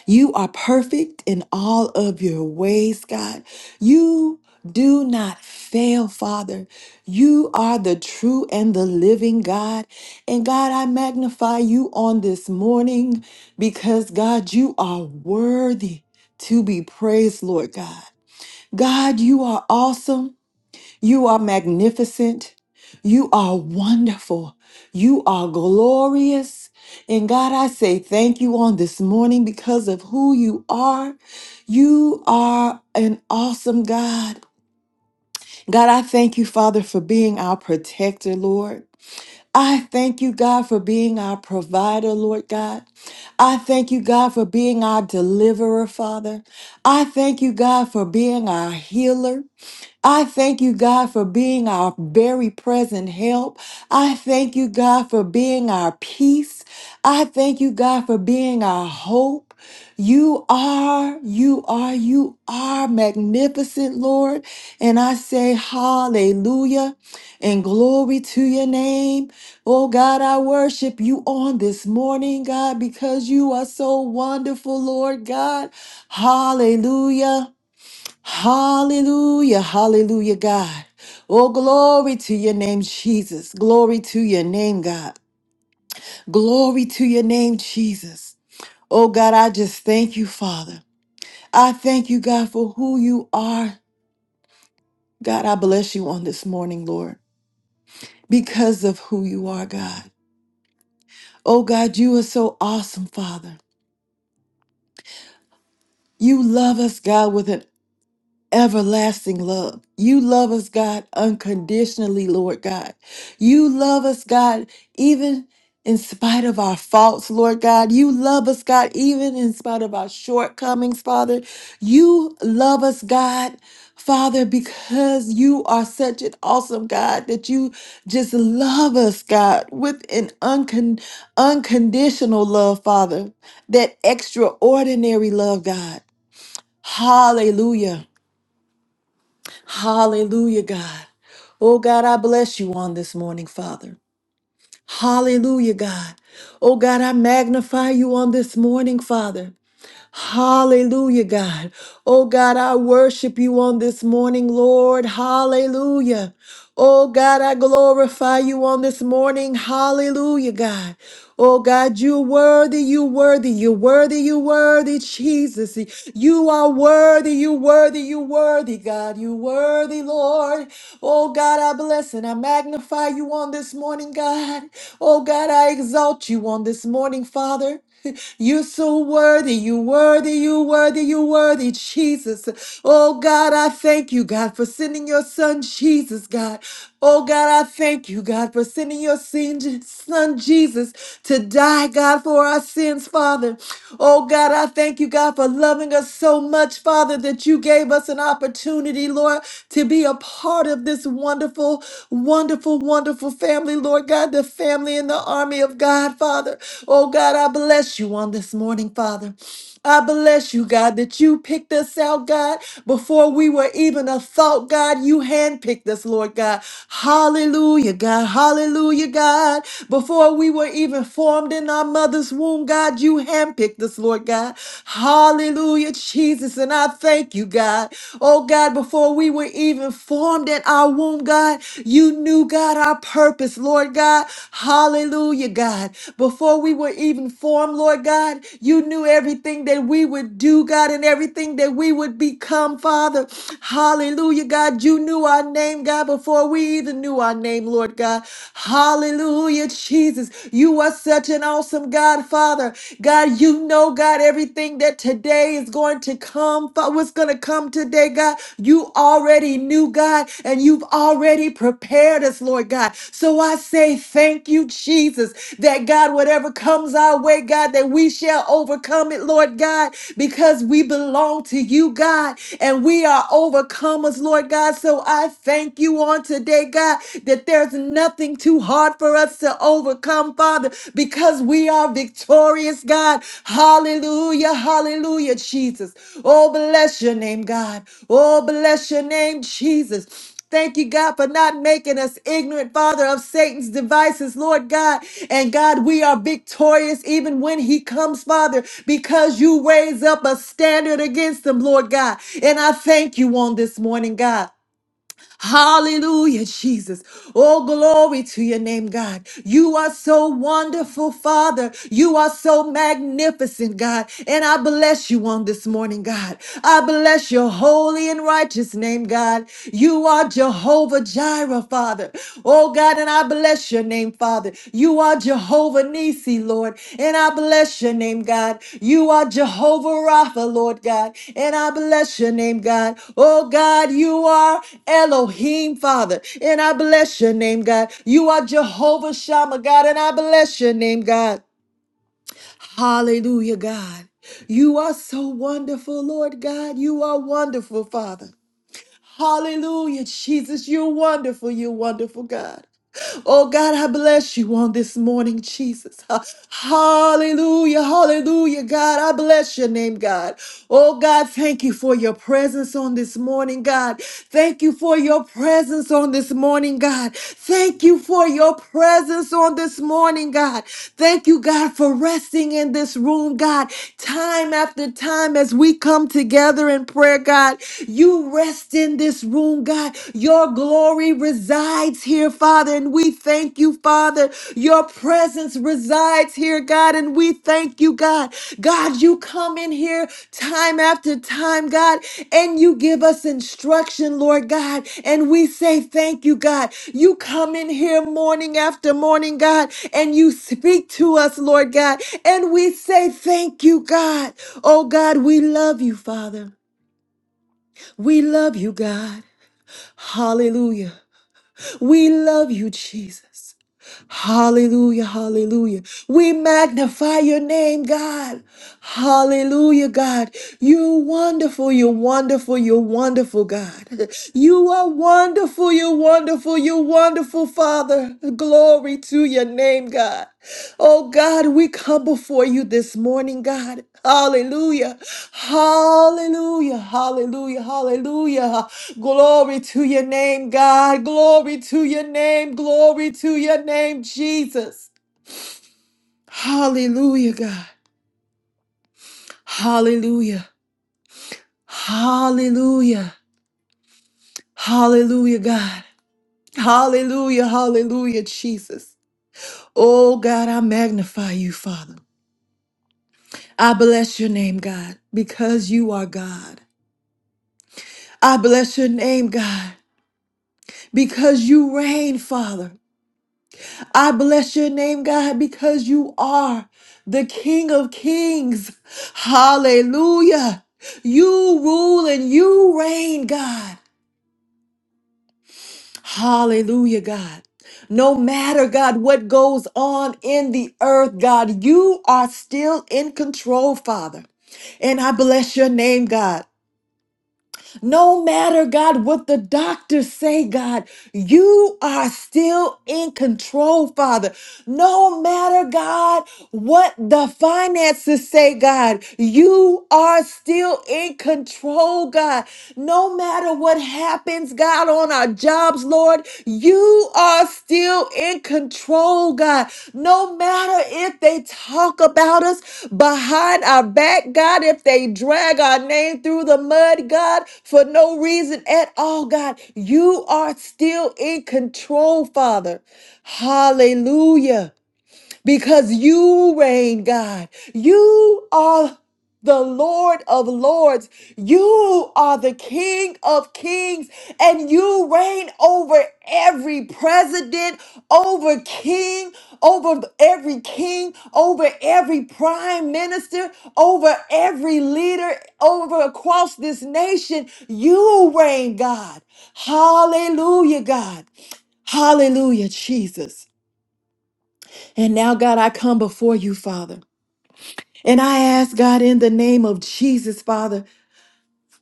[SPEAKER 1] You are perfect in all of your ways, God. You do not fail, Father. You are the true and the living God. And God, I magnify you on this morning because, God, you are worthy to be praised, Lord God. God, you are awesome. You are magnificent. You are wonderful. You are glorious. And God, I say thank you on this morning because of who you are. You are an awesome God. God, I thank you, Father, for being our protector, Lord. I thank you, God, for being our provider, Lord God. I thank you, God, for being our deliverer, Father. I thank you, God, for being our healer. I thank you, God, for being our very present help. I thank you, God, for being our peace. I thank you, God, for being our hope. You are, you are, you are magnificent, Lord. And I say hallelujah and glory to your name. Oh God, I worship you on this morning, God, because you are so wonderful, Lord God. Hallelujah. Hallelujah, hallelujah, God. Oh, glory to your name, Jesus. Glory to your name, God. Glory to your name, Jesus. Oh, God, I just thank you, Father. I thank you, God, for who you are. God, I bless you on this morning, Lord, because of who you are, God. Oh, God, you are so awesome, Father. You love us, God, with an everlasting love. You love us, God, unconditionally, Lord God. You love us, God, even in spite of our faults, Lord God. You love us, God, even in spite of our shortcomings, Father. You love us, God. Father, because you are such an awesome God that you just love us, God, with an uncon- unconditional love, Father, that extraordinary love, God. Hallelujah. Hallelujah, God. Oh, God, I bless you on this morning, Father. Hallelujah, God. Oh, God, I magnify you on this morning, Father. Hallelujah, God. Oh, God, I worship you on this morning, Lord. Hallelujah. Oh, God, I glorify you on this morning. Hallelujah, God. Oh, God, you worthy, you worthy, you worthy, you worthy, Jesus. You are worthy, you worthy, you worthy, God. You worthy, Lord. Oh, God, I bless and I magnify you on this morning, God. Oh, God, I exalt you on this morning, Father. You're so worthy, you worthy, you worthy, you worthy, Jesus. Oh God, I thank you, God, for sending your son Jesus, God. Oh God, I thank you, God, for sending your sin- son Jesus to die, God, for our sins, Father. Oh God, I thank you, God, for loving us so much, Father, that you gave us an opportunity, Lord, to be a part of this wonderful, wonderful, wonderful beautiful family, Lord God, the family in the army of God, Father. Oh God, I bless you on this morning, Father. I bless you, God, that you picked us out, God, before we were even a thought, God. You handpicked us, Lord God. Hallelujah, God. Hallelujah, God. Before we were even formed in our mother's womb, God, you handpicked us, Lord God. Hallelujah, Jesus. And I thank you, God. Oh, God. God, before we were even formed in our womb, God, you knew, God, our purpose, Lord God. Hallelujah, God. Before we were even formed, Lord God, you knew everything that we would do, God, and everything that we would become, Father. Hallelujah, God. You knew our name, God, before we even knew our name, Lord God. Hallelujah, Jesus. You are such an awesome God, Father. God, you know oh God, everything that today is going to come, what's going to come today, God, you already knew, God, and you've already prepared us, Lord God. So I say thank you, Jesus, that God, whatever comes our way, God, that we shall overcome it, Lord God, because we belong to you, God, and we are overcomers, Lord God. So I thank you on today, God, that there's nothing too hard for us for us to overcome, Father, because we are victorious, God. Hallelujah, hallelujah, Jesus. Oh, bless your name, God. Oh, bless your name, Jesus. Thank you, God, for not making us ignorant, Father, of Satan's devices, Lord God. And God, we are victorious even when he comes, Father, because you raise up a standard against them, Lord God. And I thank you on this morning, God. Hallelujah, Jesus. Oh, glory to your name, God. You are so wonderful, Father. You are so magnificent, God. And I bless you on this morning, God. I bless your holy and righteous name, God. You are Jehovah Jireh, Father. Oh, God. And I bless Bless your name, Father. You are Jehovah Nisi, Lord, and I bless your name, God. You are Jehovah Rapha, Lord God, and I bless your name, God. Oh God, you are Elohim, Father, and I bless your name, God. You are Jehovah Shammah, God, and I bless your name, God. Hallelujah, God. You are so wonderful, Lord God. You are wonderful, Father. Hallelujah, Jesus. You're wonderful. You're wonderful, God. Oh God, I bless you on this morning, Jesus. Ha- Hallelujah, hallelujah, God. I bless your name, God. Oh God, thank you for your presence on this morning, God. Thank you for your presence on this morning, God. Thank you for your presence on this morning, God. Thank you, God, for resting in this room, God. Time after time as we come together in prayer, God, you rest in this room, God. Your glory resides here, Father, and we thank you, Father. Your presence resides here, God, and we thank you, God. God, you come in here time after time, God, and you give us instruction, Lord God, and we say thank you, God. You come in here morning after morning, God, and you speak to us, Lord God, and we say thank you, God. Oh, God, we love you, Father. We love you, God. Hallelujah. We love you, Jesus. Hallelujah, hallelujah. We magnify your name, God. Hallelujah, God. You're wonderful, you're wonderful, you're wonderful, God. [laughs] You are wonderful, you're wonderful, you're wonderful, Father. Glory to your name, God. Oh, God, we come before you this morning, God. Hallelujah. Hallelujah. Hallelujah. Hallelujah. Glory to your name, God. Glory to your name. Glory to your name, Jesus. Hallelujah, God. Hallelujah. Hallelujah. Hallelujah, God. Hallelujah. Hallelujah, Jesus. Oh, God, I magnify you, Father. I bless your name, God, because you are God. I bless your name, God, because you reign, Father. I bless your name, God, because you are the King of Kings. Hallelujah. You rule and you reign, God. Hallelujah, God. No matter, God, what goes on in the earth, God, you are still in control, Father. And I bless your name, God. No matter, God, what the doctors say, God, you are still in control, Father. No matter, God, what the finances say, God, you are still in control, God. No matter what happens, God, on our jobs, Lord. God. You are still in control, God. No matter if they talk about us behind our back, God, if they drag our name through the mud, God, for no reason at all, God, you are still in control, Father. Hallelujah because you reign, God. You are the Lord of Lords. You are the King of Kings, and you reign over every president, over king, over every king, over every prime minister, over every leader, over across this nation. You reign, God. Hallelujah, God. Hallelujah, Jesus. And now, God, I come before you, Father. And I ask, God, in the name of Jesus, Father,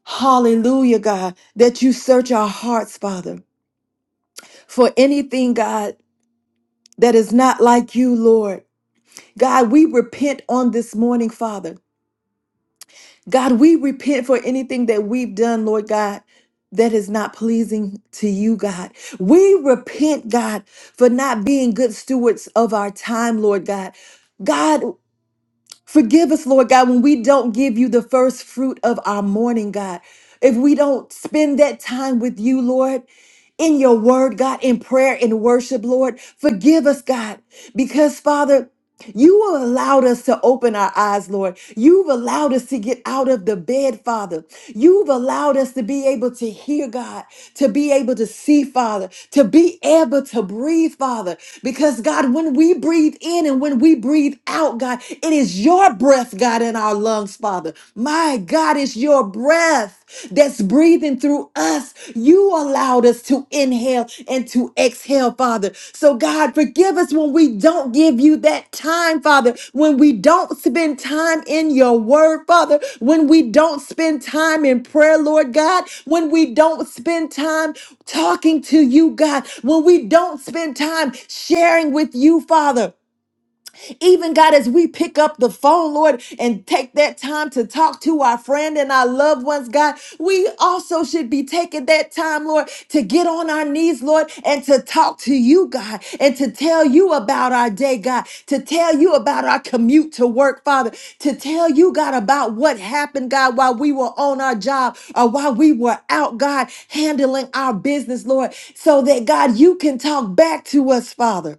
[SPEAKER 1] hallelujah, God, that you search our hearts, Father, for anything, God, that is not like you, Lord. God, we repent on this morning, Father. God, we repent for anything that we've done, Lord God, that is not pleasing to you, God. We repent, God, for not being good stewards of our time, Lord God. God, Forgive us, Lord God, when we don't give you the first fruit of our morning, God. If we don't spend that time with you, Lord, in your word, God, in prayer and worship, Lord, forgive us, God, because, Father, you have allowed us to open our eyes, Lord. You've allowed us to get out of the bed, Father. You've allowed us to be able to hear, God, to be able to see, Father, to be able to breathe, Father. Because, God, when we breathe in and when we breathe out, God, it is your breath, God, in our lungs, Father. My God, it's your breath that's breathing through us. You allowed us to inhale and to exhale, Father. So, God, forgive us when we don't give you that time, Father, when we don't spend time in your word, Father, when we don't spend time in prayer, Lord God, when we don't spend time talking to you, God, when we don't spend time sharing with you, Father. Even God, as we pick up the phone, Lord, and take that time to talk to our friend and our loved ones, God, we also should be taking that time, Lord, to get on our knees, Lord, and to talk to you, God, and to tell you about our day, God, to tell you about our commute to work, Father, to tell you, God, about what happened, God, while we were on our job or while we were out, God, handling our business, Lord, so that, God, you can talk back to us, Father.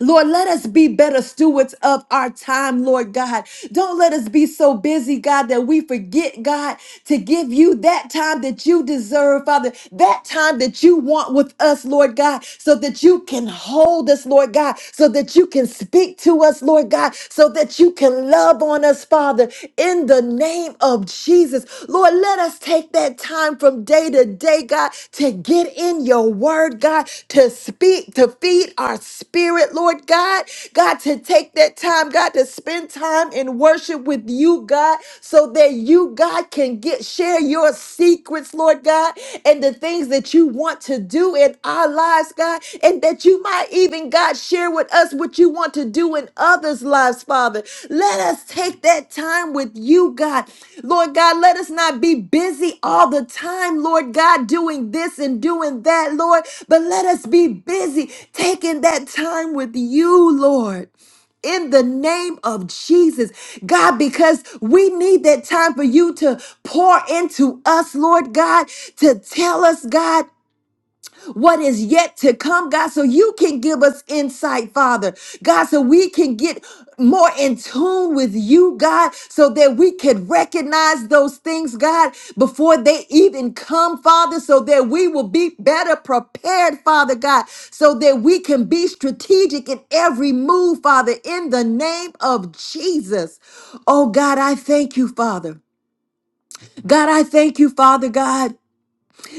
[SPEAKER 1] Lord, let us be better stewards of our time, Lord God. Don't let us be so busy, God, that we forget, God, to give you that time that you deserve, Father, that time that you want with us, Lord God, so that you can hold us, Lord God, so that you can speak to us, Lord God, so that you can love on us, Father, in the name of Jesus. Lord, let us take that time from day to day, God, to get in your word, God, to speak, to feed our spirit, Lord God. God, to take that time, God, to spend time in worship with you, God, so that you, God, can get share your secrets, Lord God, and the things that you want want to do in our lives, God, and that you might even, God, share with us what you want to do in others' lives, Father. Let us take that time with you, God. Lord God, let us not be busy all the time, Lord God, doing this and doing that, Lord, but let us be busy taking that time with you, Lord in the name of Jesus, God, because we need that time for you to pour into us, Lord God, to tell us, God what is yet to come, God, so you can give us insight, Father. God, so we can get more in tune with you, God, so that we can recognize those things, God, before they even come, Father, so that we will be better prepared, Father God, so that we can be strategic in every move, Father, in the name of Jesus. Oh, God, I thank you, Father. God, I thank you, Father God.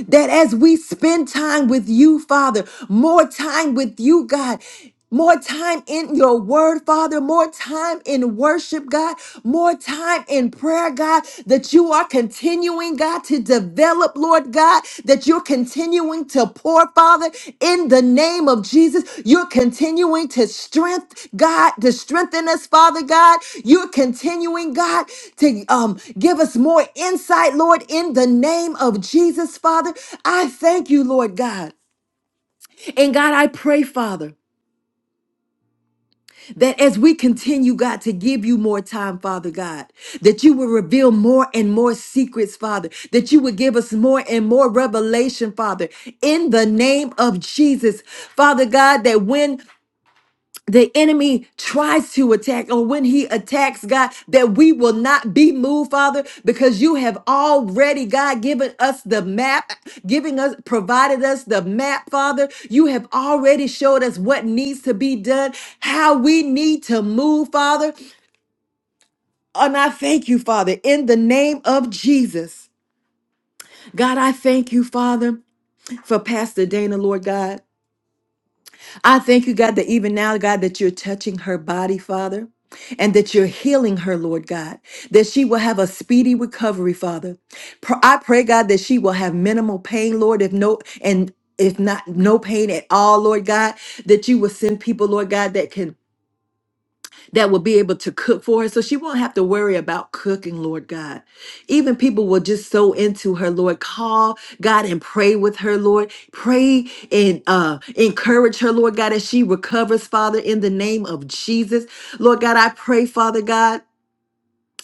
[SPEAKER 1] That as we spend time with you, Father, more time with you, God, more time in your word, Father, more time in worship, God, more time in prayer, God, that you are continuing, God, to develop, Lord God, that you're continuing continuing to pour, Father, in the name of Jesus. You're continuing to strength, God, to strengthen us, Father God. You're continuing, God, to um, give us more insight, Lord, in the name of Jesus, Father. I thank you, Lord God. And God, I pray, Father. That as we continue, God, to give you more time, Father God, that you will reveal more and more secrets, Father, that you would give us more and more revelation, Father, in the name of Jesus, Father God, that when the enemy tries to attack or when he attacks god that we will not be moved father because you have already god given us the map giving us provided us the map father you have already showed us what needs to be done how we need to move father and i thank you father in the name of jesus god i thank you father for pastor dana lord god I thank you, God, that even now, God, that you're touching her body, Father, and that you're healing her, Lord God, that she will have a speedy recovery, Father. Pr- I pray, God, that she will have minimal pain, Lord, if no, and if not, no pain at all, Lord God, that you will send people, Lord God, that can that will be able to cook for her. So she won't have to worry about cooking, Lord God. Even people will just sow into her, Lord. Call God and pray with her, Lord. Pray and uh, encourage her, Lord God, as she recovers, Father, in the name of Jesus. Lord God, I pray, Father God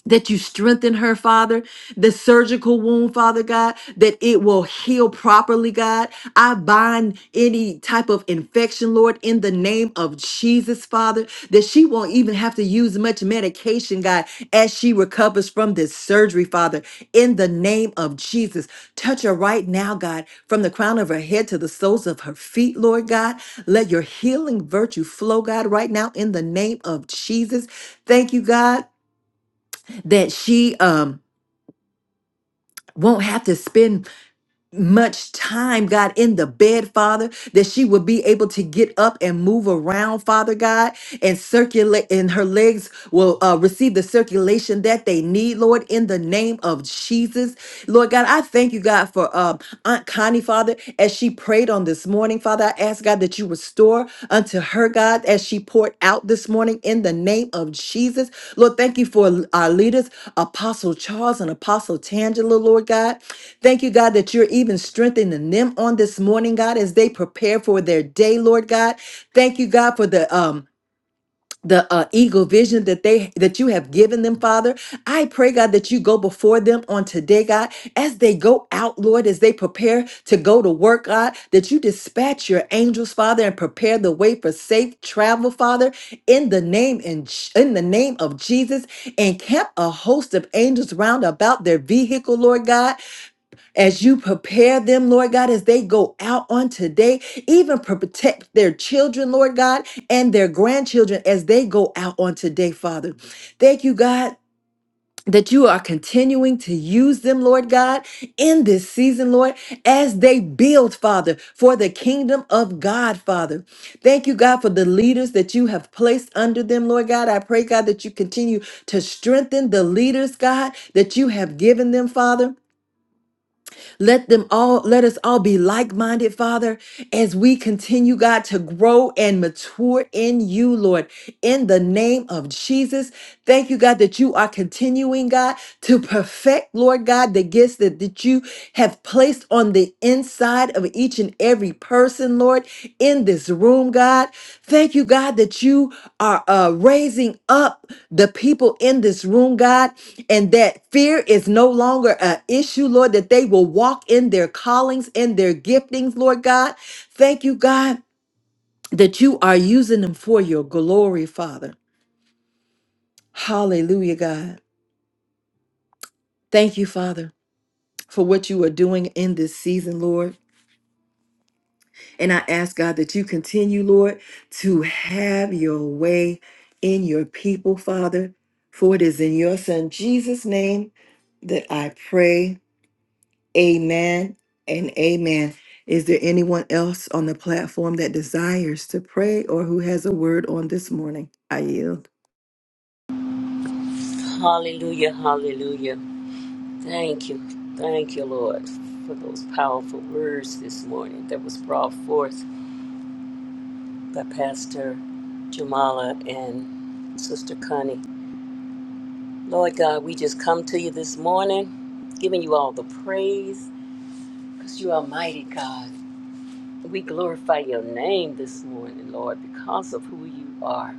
[SPEAKER 1] that you strengthen her, Father, the surgical wound, Father God, that it will heal properly, God. I bind any type of infection, Lord, in the name of Jesus, Father, that she won't even have to use much medication, God, as she recovers from this surgery, Father, in the name of Jesus. Touch her right now, God, from the crown of her head to the soles of her feet, Lord God. Let your healing virtue flow, God, right now in the name of Jesus. Thank you, God that she um won't have to spend much time, God, in the bed, Father, that she would be able to get up and move around, Father God, and circulate, and her legs will uh, receive the circulation that they need, Lord, in the name of Jesus. Lord God, I thank you, God, for um, Aunt Connie, Father, as she prayed on this morning, Father, I ask, God, that you restore unto her, God, as she poured out this morning in the name of Jesus. Lord, thank you for our leaders, Apostle Charles and Apostle Tangela, Lord God. Thank you, God, that you're even strengthening them on this morning, God, as they prepare for their day, Lord God. Thank you, God, for the um the uh, eagle vision that they that you have given them father i pray god that you go before them on today god as they go out lord as they prepare to go to work god that you dispatch your angels father and prepare the way for safe travel father in the name and in the name of jesus and camp a host of angels round about their vehicle lord god as you prepare them, Lord God, as they go out on today, even pro- protect their children, Lord God, and their grandchildren as they go out on today, Father. Thank you, God. That you are continuing to use them, Lord God, in this season, Lord, as they build, Father, for the kingdom of God, Father. Thank you, God, for the leaders that you have placed under them, Lord God. I pray, God, that you continue to strengthen the leaders, God, that you have given them, Father. Let them all, let us all be like minded, Father, as we continue, God, to grow and mature in you, Lord, in the name of Jesus. Thank you, God, that you are continuing, God, to perfect, Lord God, the gifts that, that you have placed on the inside of each each and every person, Lord, in this room, God. Thank you, God, that you are uh, raising up the people in this room, God, and that fear is no longer an issue, Lord, that they will walk in their callings and their giftings, Lord God. Thank you, God, that you are using them for your glory, Father. Hallelujah, God. Thank you, Father, for what you are doing in this season, Lord. And I ask God that you continue, Lord, to have your way in your people, Father. For it is in your Son Jesus' name that I pray. Amen and amen. Is there anyone else on the platform that desires to pray or who has a word on this morning? I yield.
[SPEAKER 3] Hallelujah, hallelujah. Thank you, thank you, Lord, for those powerful words this morning that was brought forth by Pastor Jamala and Sister Connie. Lord God, we just come to you this morning, giving you all the praise because you are mighty God. We glorify your name this morning, Lord, because of who you are.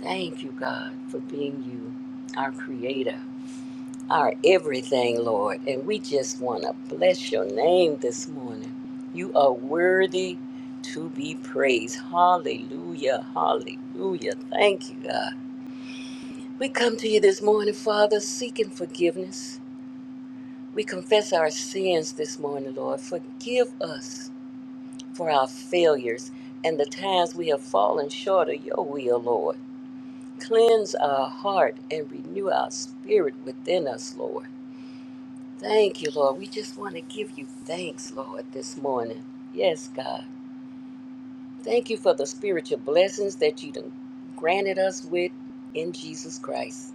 [SPEAKER 3] Thank you, God, for being you, our creator. our everything, Lord. And we just want to bless your name this morning. You are worthy to be praised. Hallelujah. Hallelujah. Thank you, God. We come to you this morning, Father, seeking forgiveness. We confess our sins this morning, Lord. Forgive us for our failures and the times we have fallen short of your will, Lord. Cleanse our heart and renew our spirit within us, Lord. Thank you, Lord. We just want to give you thanks, Lord, this morning. Yes, God. Thank you for the spiritual blessings that you done granted us with in Jesus Christ.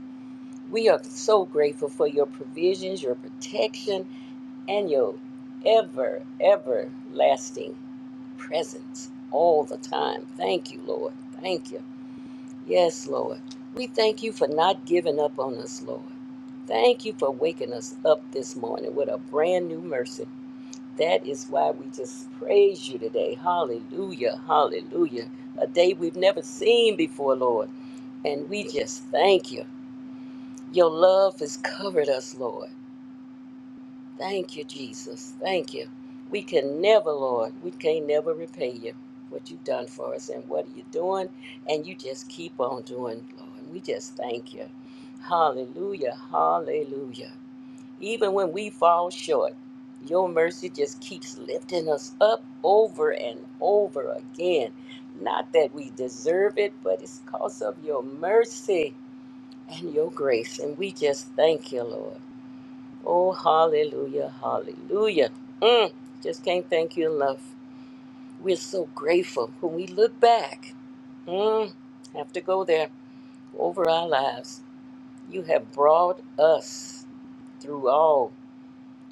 [SPEAKER 3] We are so grateful for your provisions, your protection, and your ever, everlasting presence all the time. Thank you, Lord. Thank you. Yes, Lord. We thank you for not giving up on us, Lord. Thank you for waking us up this morning with a brand new mercy. That is why we just praise you today. Hallelujah. Hallelujah. A day we've never seen before, Lord. And we just thank you. Your love has covered us, Lord. Thank you, Jesus. Thank you. We can never, Lord, we can never repay you what you've done for us and what you're doing. And you just keep on doing, Lord. We just thank you. Hallelujah. Hallelujah. Even when we fall short, your mercy just keeps lifting us up over and over again. Not that we deserve it, but it's because of your mercy and your grace. And we just thank you, Lord. Oh, hallelujah, hallelujah. Mm, just can't thank you enough. We're so grateful when we look back. Mm, have to go there over our lives. You have brought us through all.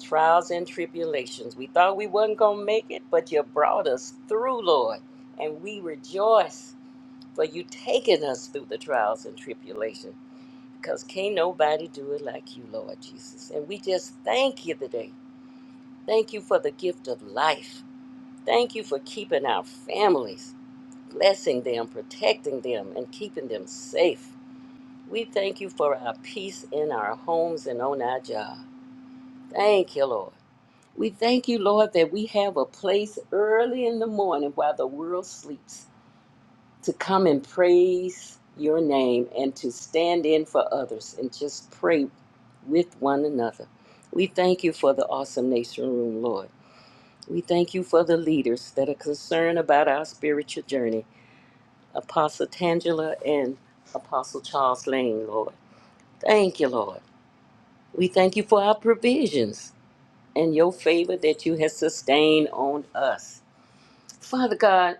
[SPEAKER 3] trials and tribulations. We thought we wasn't going to make it, but you brought us through, Lord. And we rejoice for you taking us through the trials and tribulation because can't nobody do it like you, Lord Jesus. And we just thank you today. Thank you for the gift of life. Thank you for keeping our families, blessing them, protecting them, and keeping them safe. We thank you for our peace in our homes and on our job. Thank you, Lord. We thank you, Lord, that we have a place early in the morning while the world sleeps to come and praise your name and to stand in for others and just pray with one another. We thank you for the awesome nation room, Lord. We thank you for the leaders that are concerned about our spiritual journey, Apostle Tangela and Apostle Charles Lane, Lord. Thank you, Lord. We thank you for our provisions and your favor that you have sustained on us. Father God,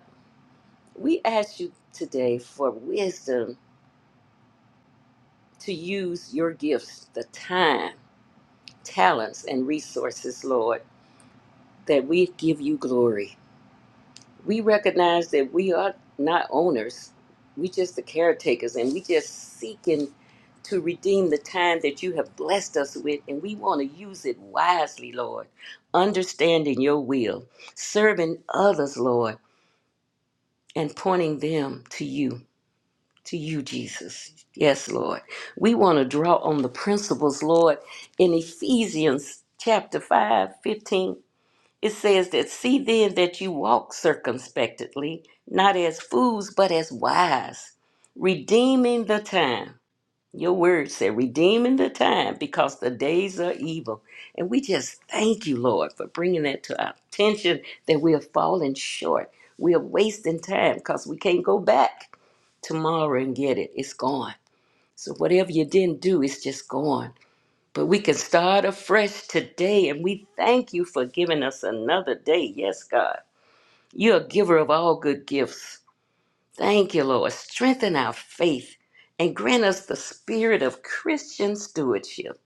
[SPEAKER 3] we ask you today for wisdom to use your gifts, the time, talents, and resources, Lord, that we give you glory. We recognize that we are not owners, we just the caretakers, and we just seeking to redeem the time that you have blessed us with, and we want to use it wisely, Lord, understanding your will, serving others, Lord, and pointing them to you. to you, Jesus. Yes, Lord. We want to draw on the principles, Lord. In Ephesians chapter 5, 15, it says that see then that you walk circumspectly, not as fools, but as wise, redeeming the time your word said, redeeming the time because the days are evil. And we just thank you, Lord, for bringing that to our attention that we are falling short. We are wasting time because we can't go back tomorrow and get it. It's gone. So whatever you didn't do, it's just gone. But we can start afresh today. And we thank you for giving us another day. Yes, God. You're a giver of all good gifts. Thank you, Lord. Strengthen our faith and grant us the spirit of Christian stewardship.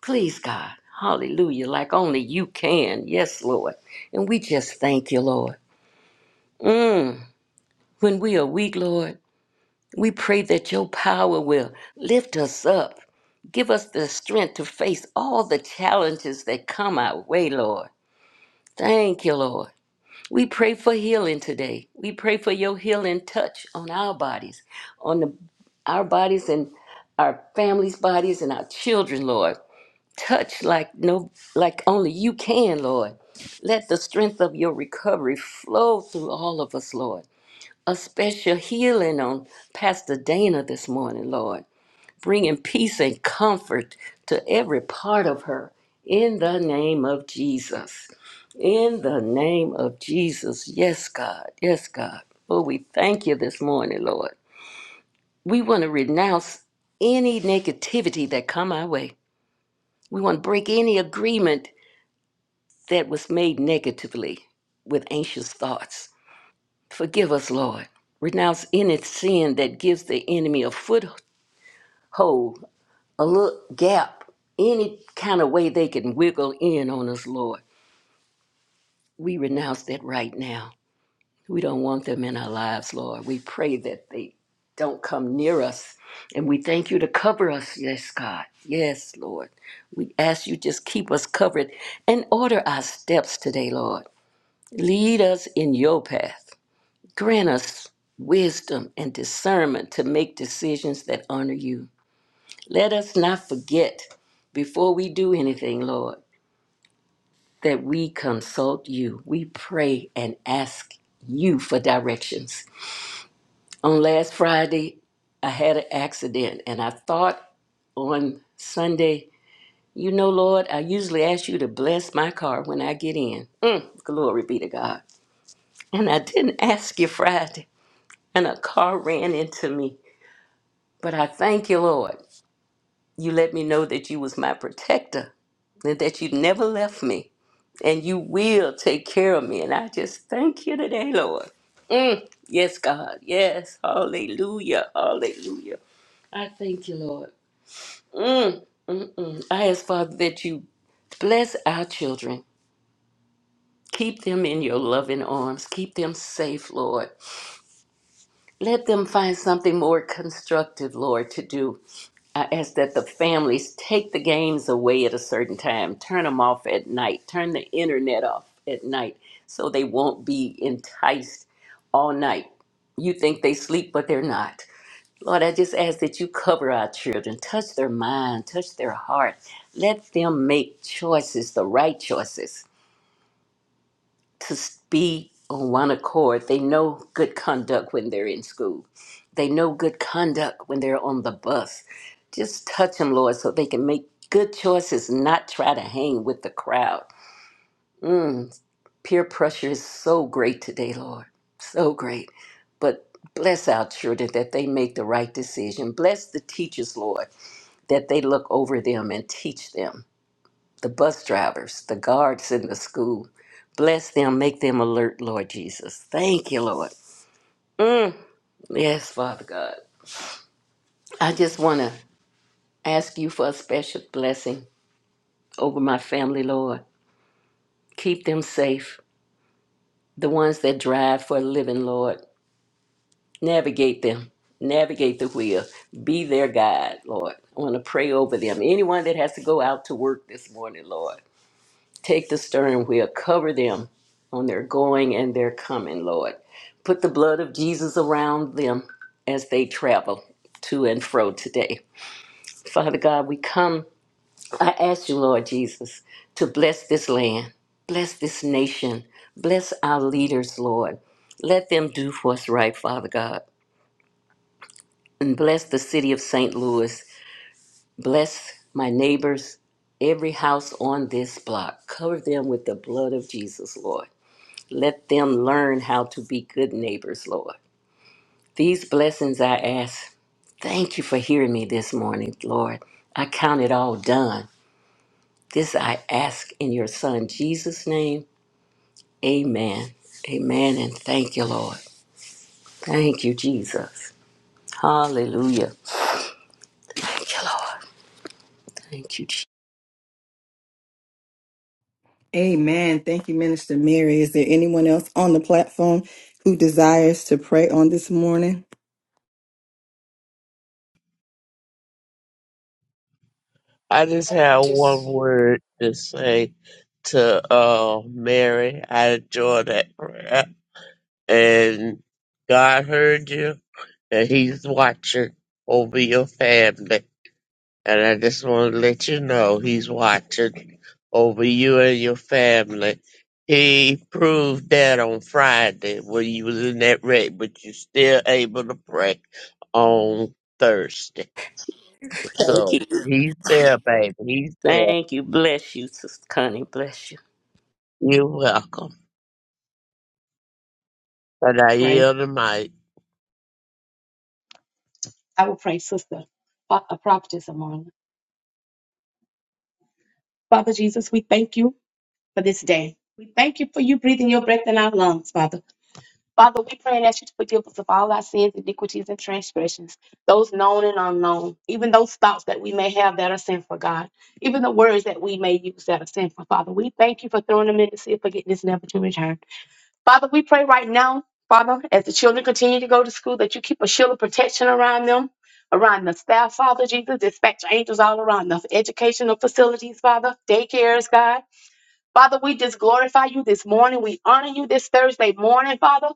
[SPEAKER 3] Please, God. Hallelujah. Like only you can. Yes, Lord. And we just thank you, Lord. Mm. When we are weak, Lord, we pray that your power will lift us up. Give us the strength to face all the challenges that come our way, Lord. Thank you, Lord. We pray for healing today. We pray for your healing touch on our bodies, on the, our bodies and our families' bodies and our children, Lord. Touch like no like only you can, Lord. Let the strength of your recovery flow through all of us, Lord. A special healing on Pastor Dana this morning, Lord bringing peace and comfort to every part of her in the name of Jesus. In the name of Jesus. Yes, God. Yes, God. Oh, we thank you this morning, Lord. We want to renounce any negativity that come our way. We want to break any agreement that was made negatively with anxious thoughts. Forgive us, Lord. Renounce any sin that gives the enemy a foothold a little gap, any kind of way they can wiggle in on us, Lord. We renounce that right now. We don't want them in our lives, Lord. We pray that they don't come near us. And we thank you to cover us, yes, God. Yes, Lord. We ask you just keep us covered and order our steps today, Lord. Lead us in your path. Grant us wisdom and discernment to make decisions that honor you. Let us not forget before we do anything, Lord, that we consult you. We pray and ask you for directions. On last Friday, I had an accident and I thought on Sunday, you know, Lord, I usually ask you to bless my car when I get in. Mm, glory be to God. And I didn't ask you Friday, and a car ran into me. But I thank you, Lord. You let me know that you was my protector and that you never left me and you will take care of me. And I just thank you today, Lord. Mm, yes, God. Yes. Hallelujah. Hallelujah. I thank you, Lord. Mm, mm, mm. I ask, Father, that you bless our children. Keep them in your loving arms. Keep them safe, Lord. Let them find something more constructive, Lord, to do I ask that the families take the games away at a certain time, turn them off at night, turn the internet off at night so they won't be enticed all night. You think they sleep, but they're not. Lord, I just ask that you cover our children, touch their mind, touch their heart. Let them make choices, the right choices to be on one accord. They know good conduct when they're in school. They know good conduct when they're on the bus. Just touch them, Lord, so they can make good choices, not try to hang with the crowd. Mm, peer pressure is so great today, Lord. So great. But bless our children that they make the right decision. Bless the teachers, Lord, that they look over them and teach them the bus drivers, the guards in the school. Bless them, make them alert, Lord Jesus. Thank you, Lord. Yes, Father God. I just want to ask you for a special blessing over my family, Lord. Keep them safe. The ones that drive for a living, Lord. Navigate them. Navigate the wheel. Be their guide, Lord. I want to pray over them. Anyone that has to go out to work this morning, Lord. Take the steering wheel, cover them on their going and their coming, Lord. Put the blood of Jesus around them as they travel to and fro today. Father God, we come. I ask you, Lord Jesus, to bless this land, bless this nation, bless our leaders, Lord. Let them do what's right, Father God. And bless the city of St. Louis. Bless my neighbors, every house on this block. Cover them with the blood of Jesus, Lord. Let them learn how to be good neighbors, Lord. These blessings I ask. Thank you for hearing me this morning, Lord. I count it all done. This I ask in your Son, Jesus' name. Amen. Amen. And thank you, Lord. Thank you, Jesus. Hallelujah. Thank you, Lord. Thank you, Jesus.
[SPEAKER 1] Amen. Thank you, Minister Mary. Is there anyone else on the platform who desires to pray on this morning?
[SPEAKER 2] I just have one
[SPEAKER 4] Just
[SPEAKER 2] word to say to uh, Mary. I enjoy that prayer. And God heard you that he's watching over your family. And I just want to let you know he's watching over you and your family. He proved that on Friday when you was in that wreck, but you still able to pray on Thursday.
[SPEAKER 3] Thank
[SPEAKER 2] So
[SPEAKER 3] you.
[SPEAKER 2] he's there, baby. He's there.
[SPEAKER 3] Thank you. Bless you, Sister Connie. Bless you.
[SPEAKER 2] You're welcome. And I
[SPEAKER 5] pray.
[SPEAKER 2] yield the mic.
[SPEAKER 5] I will pray, sister, Fa- uh, prophetess Amon. Father Jesus, we thank you for this day. We thank you for you breathing your breath in our lungs, Father. Father, we pray and ask you to forgive us of all our sins, iniquities, and transgressions, those known and unknown, even those thoughts that we may have that are sinful, God, even the words that we may use that are sinful, Father. We thank you for throwing them in the sea of forgiveness, never to return. Father, we pray right now, Father, as the children continue to go to school, that you keep a shield of protection around them, around the staff, Father Jesus. Dispatch angels all around the educational facilities, Father, daycares, God. Father, we just glorify you this morning. We honor you this Thursday morning, Father.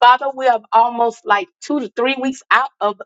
[SPEAKER 5] Father, we are almost like two to three weeks out of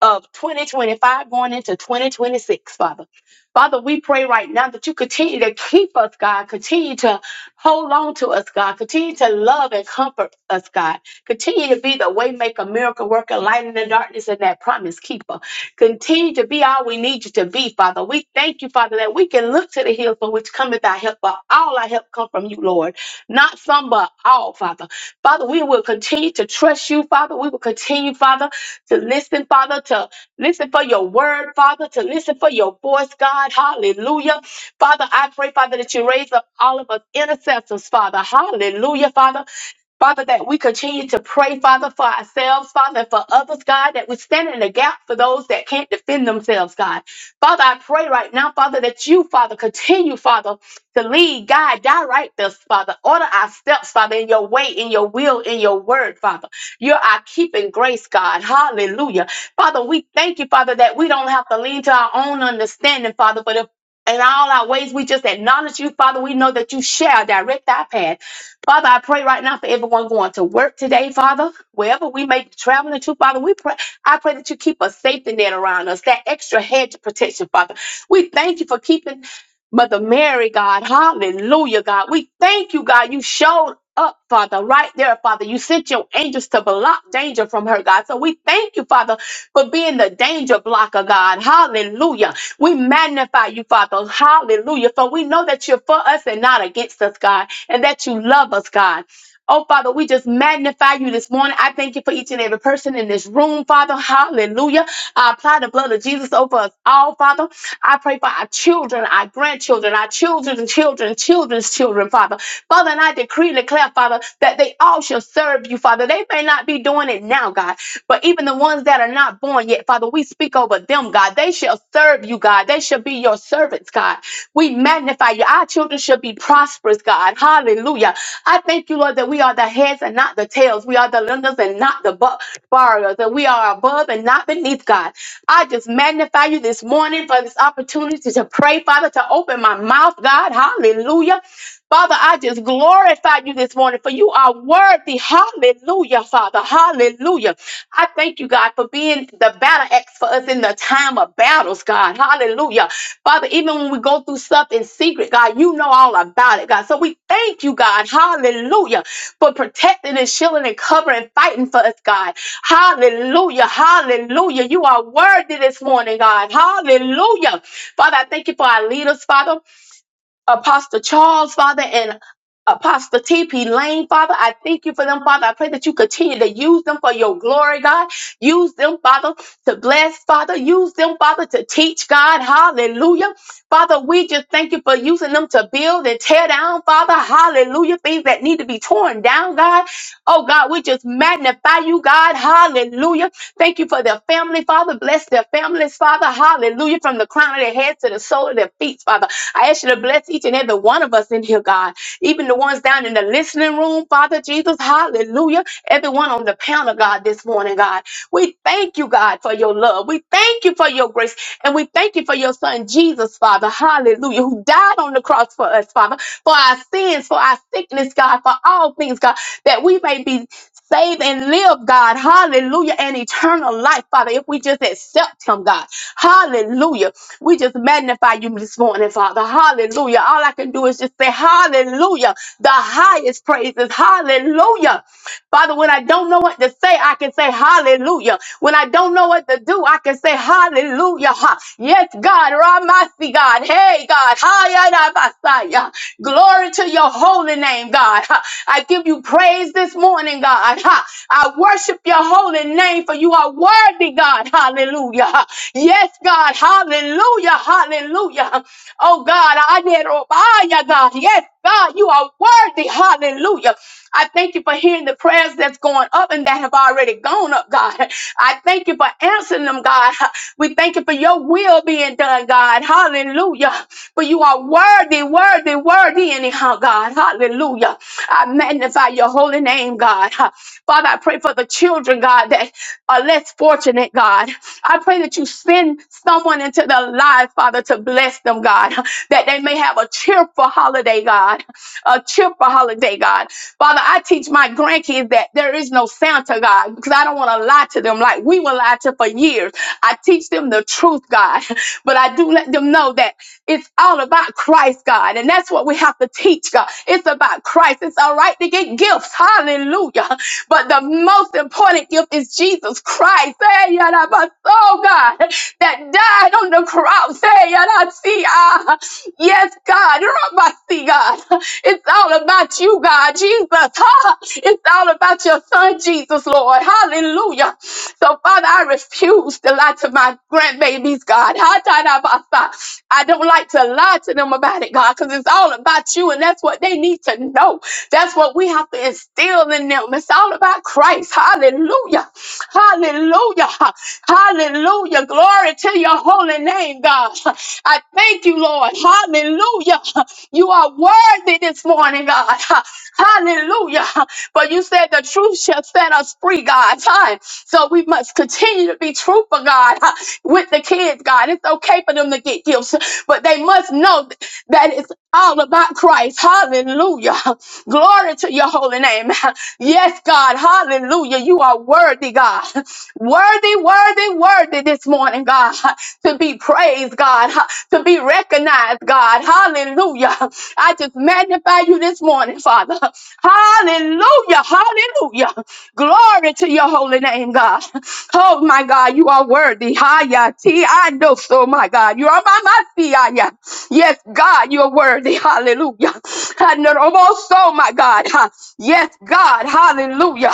[SPEAKER 5] of 2025 going into 2026, Father. Father, we pray right now that you continue to keep us, God. Continue to hold on to us, God. Continue to love and comfort us, God. Continue to be the way maker, miracle worker, light in the darkness, and that promise keeper. Continue to be all we need you to be, Father. We thank you, Father, that we can look to the hills from which cometh our help, but all our help come from you, Lord. Not some, but all, Father. Father, we will continue to trust you, Father. We will continue, Father, to listen, Father, to listen for your word, Father, to listen for your voice, God. Hallelujah. Father, I pray, Father, that you raise up all of us intercessors, Father. Hallelujah, Father. Father, that we continue to pray, Father, for ourselves, Father, and for others, God, that we stand in the gap for those that can't defend themselves, God. Father, I pray right now, Father, that you, Father, continue, Father to lead, guide, direct us, Father. Order our steps, Father, in your way, in your will, in your word, Father. You're our keeping grace, God. Hallelujah. Father, we thank you, Father, that we don't have to lean to our own understanding, Father, but if in all our ways, we just acknowledge you, Father. We know that you shall direct our path. Father, I pray right now for everyone going to work today, Father. Wherever we may be traveling to, Father, we pray. I pray that you keep a safety net around us, that extra hedge of protection, Father. We thank you for keeping Mother Mary, God, hallelujah, God. We thank you, God. You showed up, Father, right there, Father. You sent your angels to block danger from her, God. So we thank you, Father, for being the danger blocker, God. Hallelujah. We magnify you, Father. Hallelujah. For we know that you're for us and not against us, God, and that you love us, God. Oh, Father, we just magnify you this morning. I thank you for each and every person in this room, Father. Hallelujah. I apply the blood of Jesus over us all, Father. I pray for our children, our grandchildren, our children's children, children's children, Father. Father, and I decree and declare, Father, that they all shall serve you, Father. They may not be doing it now, God, but even the ones that are not born yet, Father, we speak over them, God. They shall serve serve you, God. They should be your servants, God. We magnify you. Our children should be prosperous, God. Hallelujah. I thank you, Lord, that we are the heads and not the tails. We are the lenders and not the bu- borrowers. That we are above and not beneath, God. I just magnify you this morning for this opportunity to pray, Father, to open my mouth, God. Hallelujah. Father, I just glorify you this morning for you are worthy. Hallelujah, Father. Hallelujah. I thank you, God, for being the battle axe for us in the time of battles, God. Hallelujah. Father, even when we go through stuff in secret, God, you know all about it, God. So we thank you, God. Hallelujah. For protecting and shielding and covering, fighting for us, God. Hallelujah. Hallelujah. You are worthy this morning, God. Hallelujah. Father, I thank you for our leaders, Father. Apostle Charles, Father, and Apostle T.P. Lane, Father, I thank you for them, Father. I pray that you continue to use them for your glory, God. Use them, Father, to bless, Father. Use them, Father, to teach, God. Hallelujah. Father, we just thank you for using them to build and tear down, Father. Hallelujah. Things that need to be torn down, God. Oh, God, we just magnify you, God. Hallelujah. Thank you for their family, Father. Bless their families, Father. Hallelujah. From the crown of their heads to the sole of their feet, Father. I ask you to bless each and every one of us in here, God. Even the ones down in the listening room, Father Jesus. Hallelujah. Everyone on the panel, God, this morning, God. We thank you, God. God, for your love. We thank you for your grace and we thank you for your son, Jesus, Father. Hallelujah, who died on the cross for us, Father, for our sins, for our sickness, God, for all things, God, that we may be saved and live, God. Hallelujah, and eternal life, Father, if we just accept him, God. Hallelujah. We just magnify you this morning, Father. Hallelujah. All I can do is just say, Hallelujah. The highest praises. Hallelujah. Father, when I don't know what to say, I can say hallelujah. When I don't know what to do, I can say hallelujah. Ha. Yes, God, Ramasi, God. Hey, God. Hayadabasaya. Glory to your holy name, God. Ha. I give you praise this morning, God. Ha. I worship your holy name for you are worthy, God. Hallelujah. Ha. Yes, God. Hallelujah. Hallelujah. Oh, God. I did, oh, God. Yes, God, you are worthy. Hallelujah. I thank you for hearing the prayers that's going up and that have already gone up, God. I thank you for answering them, God. We thank you for your will being done, God. Hallelujah. For you are worthy, worthy, worthy, anyhow, God. Hallelujah. I magnify your holy name, God. Father, I pray for the children, God, that are less fortunate, God. I pray that you send someone into their life, Father, to bless them, God, that they may have a cheerful holiday, God, a cheerful holiday, God. Father, I teach my grandkids that there is no Santa, God, because I don't want to lie to them like we were lied to for years. I teach them the truth, God, [laughs] but I do let them know that it's all about Christ, God, and that's what we have to teach, God. It's about Christ. Christ. It's all right to get gifts. Hallelujah. But the most important gift is Jesus Christ. Hey, yada, but oh God, that died on the cross. Hey, yada, see, ah, yes, God. Rabba, see, God. It's all about you, God. Jesus. Ha. It's all about your son, Jesus, Lord. Hallelujah. So, Father, I refuse to lie to my grandbabies babies, God. Ha-ta-da-ba-sa. I don't like to lie to them about it, God, because it's all about you, and that's what they need to know. That's what we have to instill in them. It's all about Christ. Hallelujah. Hallelujah. Hallelujah. Glory to your holy name, God. I thank you, Lord. Hallelujah. You are worthy this morning, God. Hallelujah. But you said the truth shall set us free, God. Time. So we must continue to be truthful, God, [laughs] huh, with the kids, God. It's okay for them to get gifts, but they must know th- that it's all about Christ. Hallelujah. [laughs] Glory to your holy name. [laughs] Yes, God. Hallelujah. You are worthy, God. [laughs] Worthy, worthy, worthy this morning, God. [laughs] to be praised, God, ha- to be recognized, God. Hallelujah. I just magnify you this morning, Father. Hallelujah. Hallelujah. Glory to your holy name, God. Oh, my God, you are worthy. Hiya, T. I know so, my God. You are my, my, Hiya. Yes, God, you are worthy. Hallelujah. I know almost so, my God. Ha. Yes, God. Hallelujah.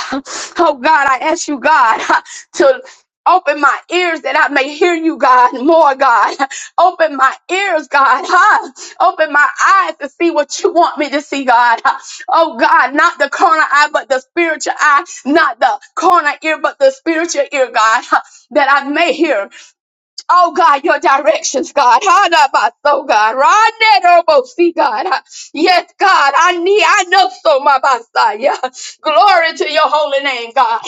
[SPEAKER 5] Oh, God, I ask you, God, ha, to Open my ears that I may hear you, God, more, God. [laughs] Open my ears, God. [laughs] Huh? Open my eyes to see what you want me to see, God. Huh? Oh, God, not the carnal eye, but the spiritual eye. Not the carnal ear, but the spiritual ear, God, [laughs] huh, that I may hear. Oh God, your directions, God. so God. Ranerobosi, God. Yes, God. I need, I know so, my Messiah. Glory to your holy name, God.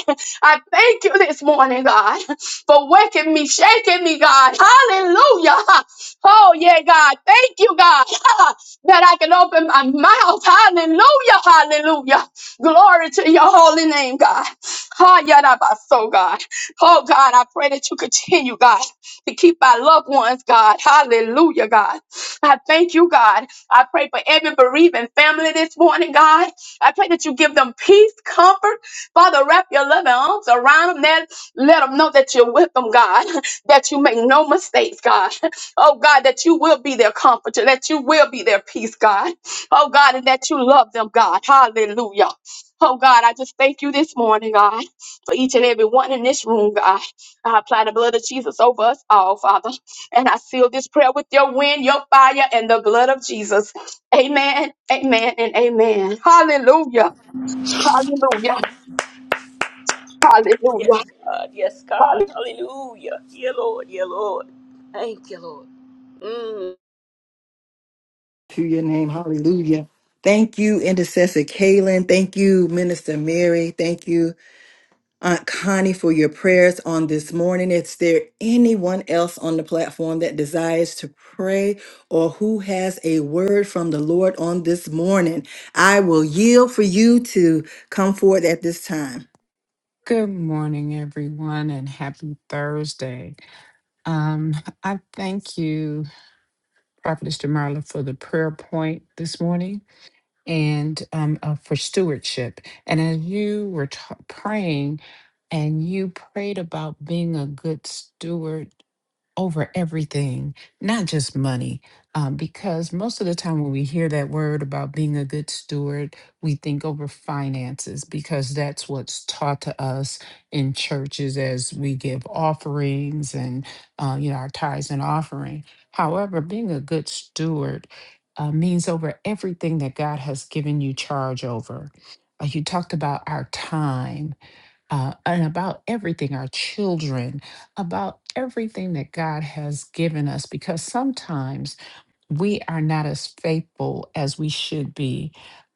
[SPEAKER 5] I thank you this morning, God, for waking me, shaking me, God. Hallelujah. Oh, yeah, God. Thank you, God, that I can open my mouth. Hallelujah. Hallelujah. Glory to your holy name, God. Ha, yada, ba, so God. Oh, God, I pray that you continue, God to keep our loved ones, God. Hallelujah, God. I thank you, God. I pray for every bereaving family this morning, God. I pray that you give them peace, comfort. Father, wrap your loving arms around them. Let, let them know that you're with them, God, [laughs] that you make no mistakes, God. [laughs] Oh, God, that you will be their comforter, that you will be their peace, God. Oh, God, and that you love them, God. Hallelujah. Oh, God, I just thank you this morning, God, for each and every one in this room, God. I apply the blood of Jesus over us all, Father. And I seal this prayer with your wind, your fire, and the blood of Jesus. Amen, amen, and amen. Hallelujah, hallelujah, hallelujah,
[SPEAKER 3] Yes, God. Yes,
[SPEAKER 5] hallelujah.
[SPEAKER 3] God. Hallelujah. Yeah, Lord. Yeah, Lord. Thank you, Lord. Mm.
[SPEAKER 1] To your name, hallelujah. Thank you, Intercessor Kaylin. Thank you, Minister Mary. Thank you, Aunt Connie, for your prayers on this morning. Is there anyone else on the platform that desires to pray or who has a word from the Lord on this morning? I will yield for you to come forward at this time.
[SPEAKER 4] good morning, everyone, and happy Thursday. Um, I thank you, Prophetess Demarla, for the prayer point this morning and um, uh, for stewardship. And as you were t- praying, and you prayed about being a good steward over everything, not just money. Um, because most of the time when we hear that word about being a good steward, we think over finances because that's what's taught to us in churches as we give offerings and uh, you know our tithes and offering. However, being a good steward uh, means over everything that God has given you charge over. Uh, you talked about our time uh, and about everything, our children, about everything that God has given us, because sometimes we are not as faithful as we should be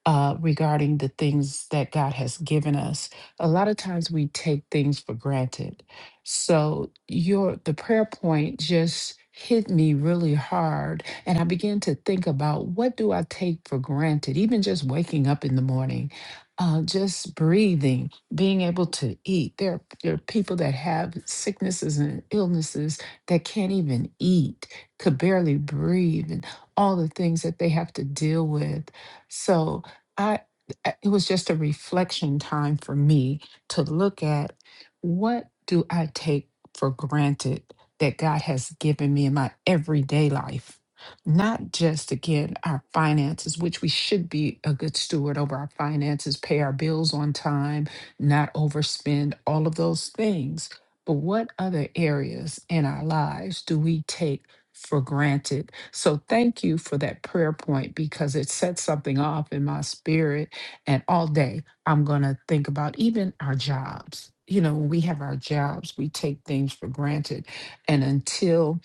[SPEAKER 4] uh, regarding the things that God has given us. A lot of times we take things for granted. So your the prayer point just hit me really hard and I began to think about what do I take for granted, even just waking up in the morning, uh, just breathing, being able to eat. There are, there are people that have sicknesses and illnesses that can't even eat, could barely breathe all the things that they have to deal with. So I I- it was just a reflection time for me to look at what do I take for granted that God has given me in my everyday life. Not just again our finances, which we should be a good steward over our finances, pay our bills on time, not overspend, all of those things. But what other areas in our lives do we take? for granted. So thank you for that prayer point because it set something off in my spirit. And all day I'm going to think about even our jobs. You know, when we have our jobs, we take things for granted. And until,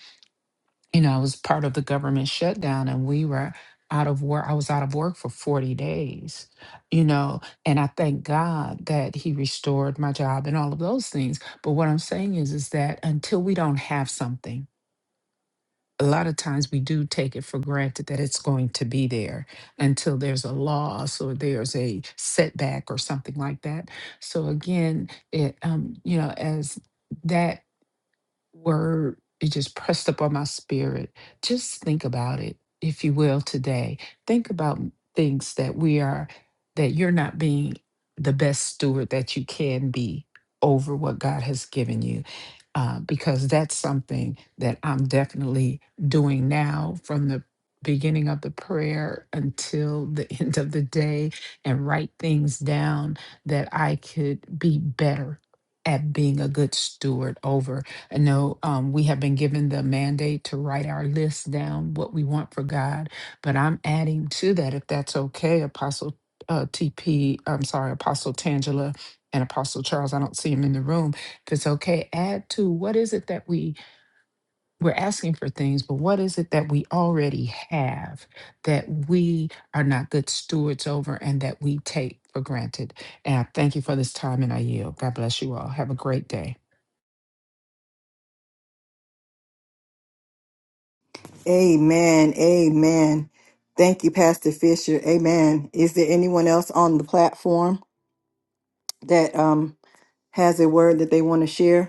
[SPEAKER 4] you know, I was part of the government shutdown and we were out of work, I was out of work for 40 days, you know, and I thank God that He restored my job and all of those things. But what I'm saying is, is that until we don't have something, a lot of times we do take it for granted that it's going to be there until there's a loss or there's a setback or something like that. So again, it um, you know, as that word it just pressed upon my spirit just think about it if you will today think about m- things that we are that you're not being the best steward that you can be over what god has given you uh, because that's something that i'm definitely doing now from the beginning of the prayer until the [laughs] end of the day and write things down that i could be better at being a good steward over I know um, we have been given the mandate to write our list down, what we want for God, but I'm adding to that, if that's okay, Apostle uh, TP, I'm sorry, Apostle Tangela and Apostle Charles, I don't see him in the room. If it's okay, add to what is it that we, we're asking for things, but what is it that we already have that we are not good stewards over and that we take for granted? And I thank you for this time and I yield. God bless you all. Have a great day.
[SPEAKER 1] Amen. Amen. Thank you, Pastor Fisher. Amen. Is there anyone else on the platform that um, has a word that they want to share?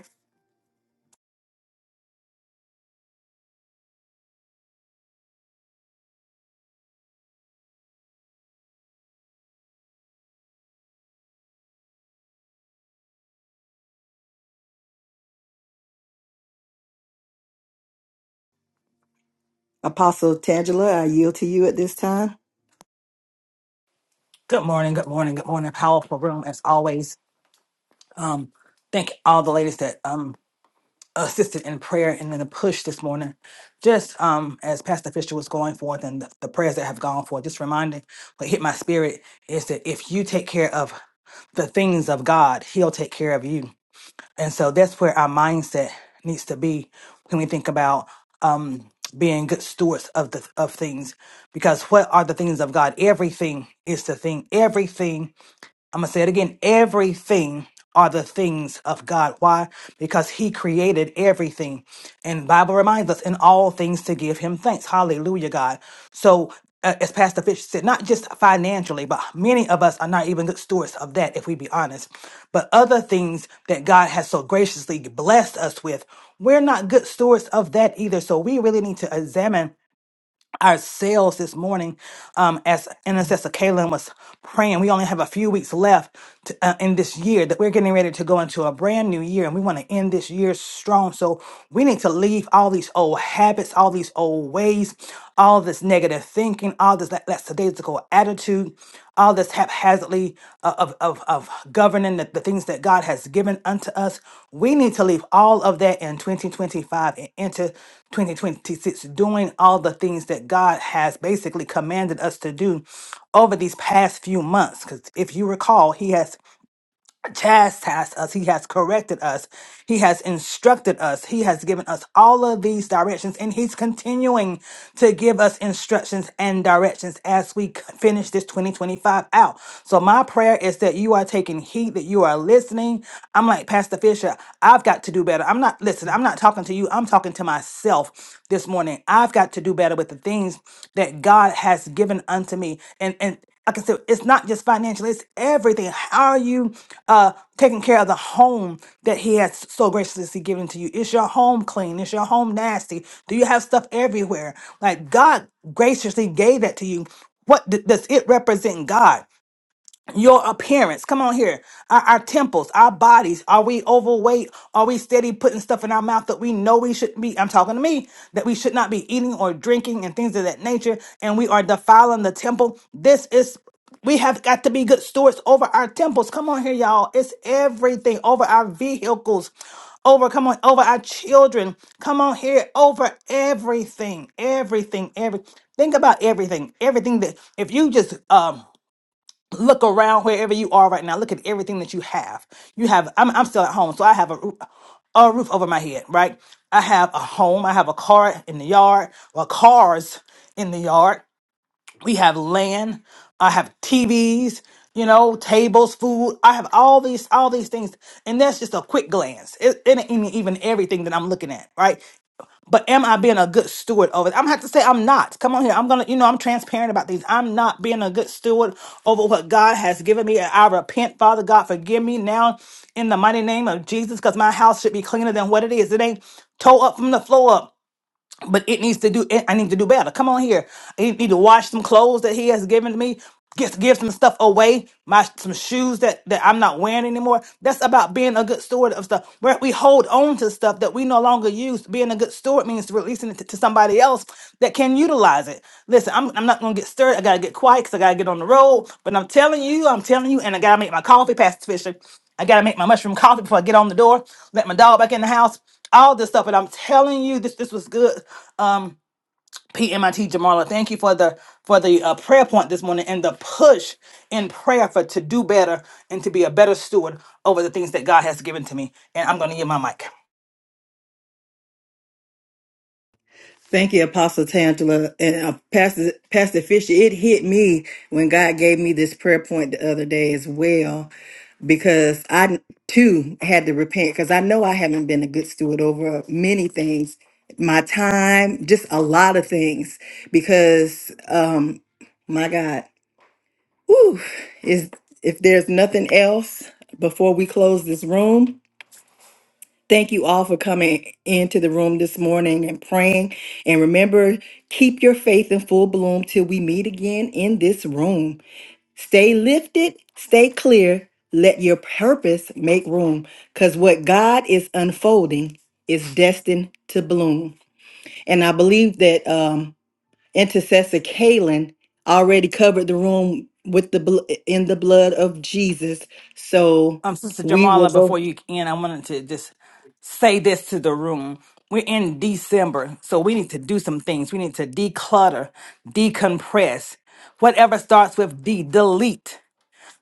[SPEAKER 1] Apostle Tangela, I yield to you at this time.
[SPEAKER 6] Good morning, good morning, good morning. Powerful room as always. Um, thank all the ladies that um assisted in prayer and in the push this morning. Just um as Pastor Fisher was going forth and the, the prayers that have gone forth, just reminding what hit my spirit is that if you take care of the things of God, He'll take care of you. And so that's where our mindset needs to be when we think about um being good stewards of the of things. Because what are the things of God? Everything is the thing. Everything I'm going to say it again. Everything are the things of God. Why? Because he created everything. And Bible reminds us in all things to give him thanks. Hallelujah, God. So uh, as Pastor Fish said, not just financially, but many of us are not even good stewards of that, if we be honest. But other things that God has so graciously blessed us with, we're not good stewards of that either. So we really need to examine ourselves this morning um, as intercessor Kaylin was praying. We only have a few weeks left to, uh, in this year that we're getting ready to go into a brand new year and we want to end this year strong. So we need to leave all these old habits, all these old ways, all this negative thinking, all this la- lackadaisical attitude into all this haphazardly uh, of, of, of governing the, the things that God has given unto us. We need to leave all of that in 2025 and into 2026, doing all the things that God has basically commanded us to do over these past few months. Because if you recall, He has chastised us. He has corrected us. He has instructed us. He has given us all of these directions and he's continuing to give us instructions and directions as we c- finish this 2025 out. So my prayer is that you are taking heed, that you are listening. I'm like Pastor Fisher, I've got to do better. I'm not listen, I'm not talking to you. I'm talking to myself this morning. I've got to do better with the things that God has given unto me. And and like I said, it's not just financial, it's everything. How are you uh, taking care of the home that he has so graciously given to you? Is your home clean? Is your home nasty? Do you have stuff everywhere? Like God graciously gave that to you. What d- does it represent God? your appearance. Come on here. Our, our temples, our bodies. Are we overweight? Are we steady putting stuff in our mouth that we know we shouldn't be? I'm talking to me that we should not be eating or drinking and things of that nature. And we are defiling the temple. This is. We have got to be good stewards over our temples. Come on here, y'all. It's everything over our vehicles, over come on, over our children. Come on here, over everything, everything, every. Think about everything, everything that if you just um look around wherever you are right now. Look at everything that you have. You have, I'm, I'm still at home, so I have a, roo- a roof over my head, right? I have a home. I have a car in the yard, or cars in the yard. We have land. I have TVs, you know, tables, food. I have all these, all these things. And that's just a quick glance. It, it ain't even everything that I'm looking at, right? But am I being a good steward over it? I'm gonna have to say I'm not. Come on here. I'm gonna, you know, I'm transparent about these. I'm not being a good steward over what God has given me. And I repent, Father God, forgive me now in the mighty name of Jesus, because my house should be cleaner than what it is. It ain't toe up from the floor up but it needs to do it, i need to do better come on here i need to wash some clothes that he has given to me give, give some stuff away my some shoes that that i'm not wearing anymore that's about being a good steward of stuff where we hold on to stuff that we no longer use being a good steward means releasing it to, to somebody else that can utilize it listen I'm, I'm not gonna get stirred i gotta get quiet because i gotta get on the road but i'm telling you i'm telling you and i gotta make my coffee Pastor Fisher. i gotta make my mushroom coffee before i get on the door let my dog back in the house all this stuff. And I'm telling you, this this was good. Um, PMIT Jamala, thank you for the for the uh, prayer point this morning and the push in prayer for to do better and to be a better steward over the things that God has given to me. And I'm going to give my mic.
[SPEAKER 1] Thank you, Apostle Tangela. And uh, Pastor, Pastor Fisher, it hit me when God gave me this prayer point the other day as well, because I too had to repent because I know I haven't been a good steward over many things, my time, just a lot of things. Because, um, my God, whew, is if there's nothing else before we close this room, Thank you all for coming into the room this morning and praying. And remember, keep your faith in full bloom till we meet again in this room. Stay lifted, stay clear, let your purpose make room because what God is unfolding is destined to bloom. And I believe that um, intercessor Kaylin already covered the room with the bl- in the blood of Jesus. So
[SPEAKER 6] Um, Sister
[SPEAKER 1] we will
[SPEAKER 6] Jamala, before you end, I wanted to just say this to the room. We're in December, so we need to do some things. We need to declutter, decompress. Whatever starts with D, delete.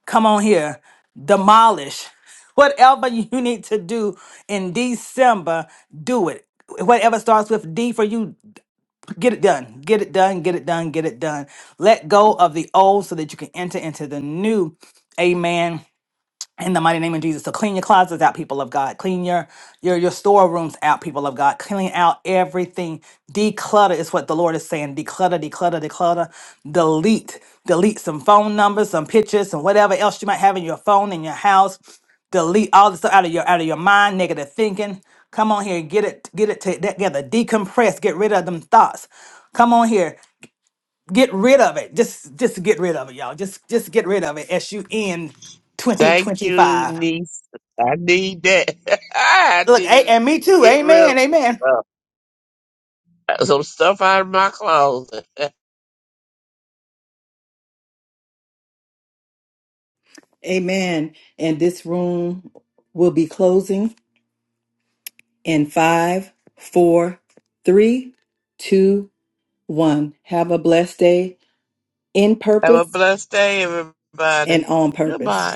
[SPEAKER 6] come on here, demolish [laughs] whatever you need to do in December, do it. Whatever starts with D for you, get it done. Get it done, get it done, get it done. Let go of the old so that you can enter into the new. Amen in the mighty name of Jesus. So clean your closets out, people of God. Clean your your your storerooms out, people of God. Clean out everything. Declutter is what the Lord is saying. Declutter, declutter, declutter. Delete, delete some phone numbers, some pictures, and whatever else you might have in your phone in your house. Delete all this stuff out of your out of your mind. Negative thinking. Come on here, get it get it together. Decompress. Get rid of them thoughts. Come on here, get rid of it. Just just get rid of it, y'all. Just just get rid of it as you end
[SPEAKER 2] Thank you,
[SPEAKER 6] 2025.
[SPEAKER 2] niece. I need that. [laughs] I
[SPEAKER 6] Look,
[SPEAKER 2] need
[SPEAKER 6] a- and
[SPEAKER 2] to
[SPEAKER 6] me too.
[SPEAKER 2] get rid of
[SPEAKER 6] Amen.
[SPEAKER 2] this
[SPEAKER 6] Amen.
[SPEAKER 2] stuff. some stuff out of my closet. [laughs]
[SPEAKER 1] Amen. And this room will be closing in five, four, three, two, one. Have a blessed day in
[SPEAKER 2] Have a
[SPEAKER 1] purpose
[SPEAKER 2] blessed day,
[SPEAKER 1] and
[SPEAKER 2] everybody.
[SPEAKER 1] on purpose.
[SPEAKER 2] Goodbye.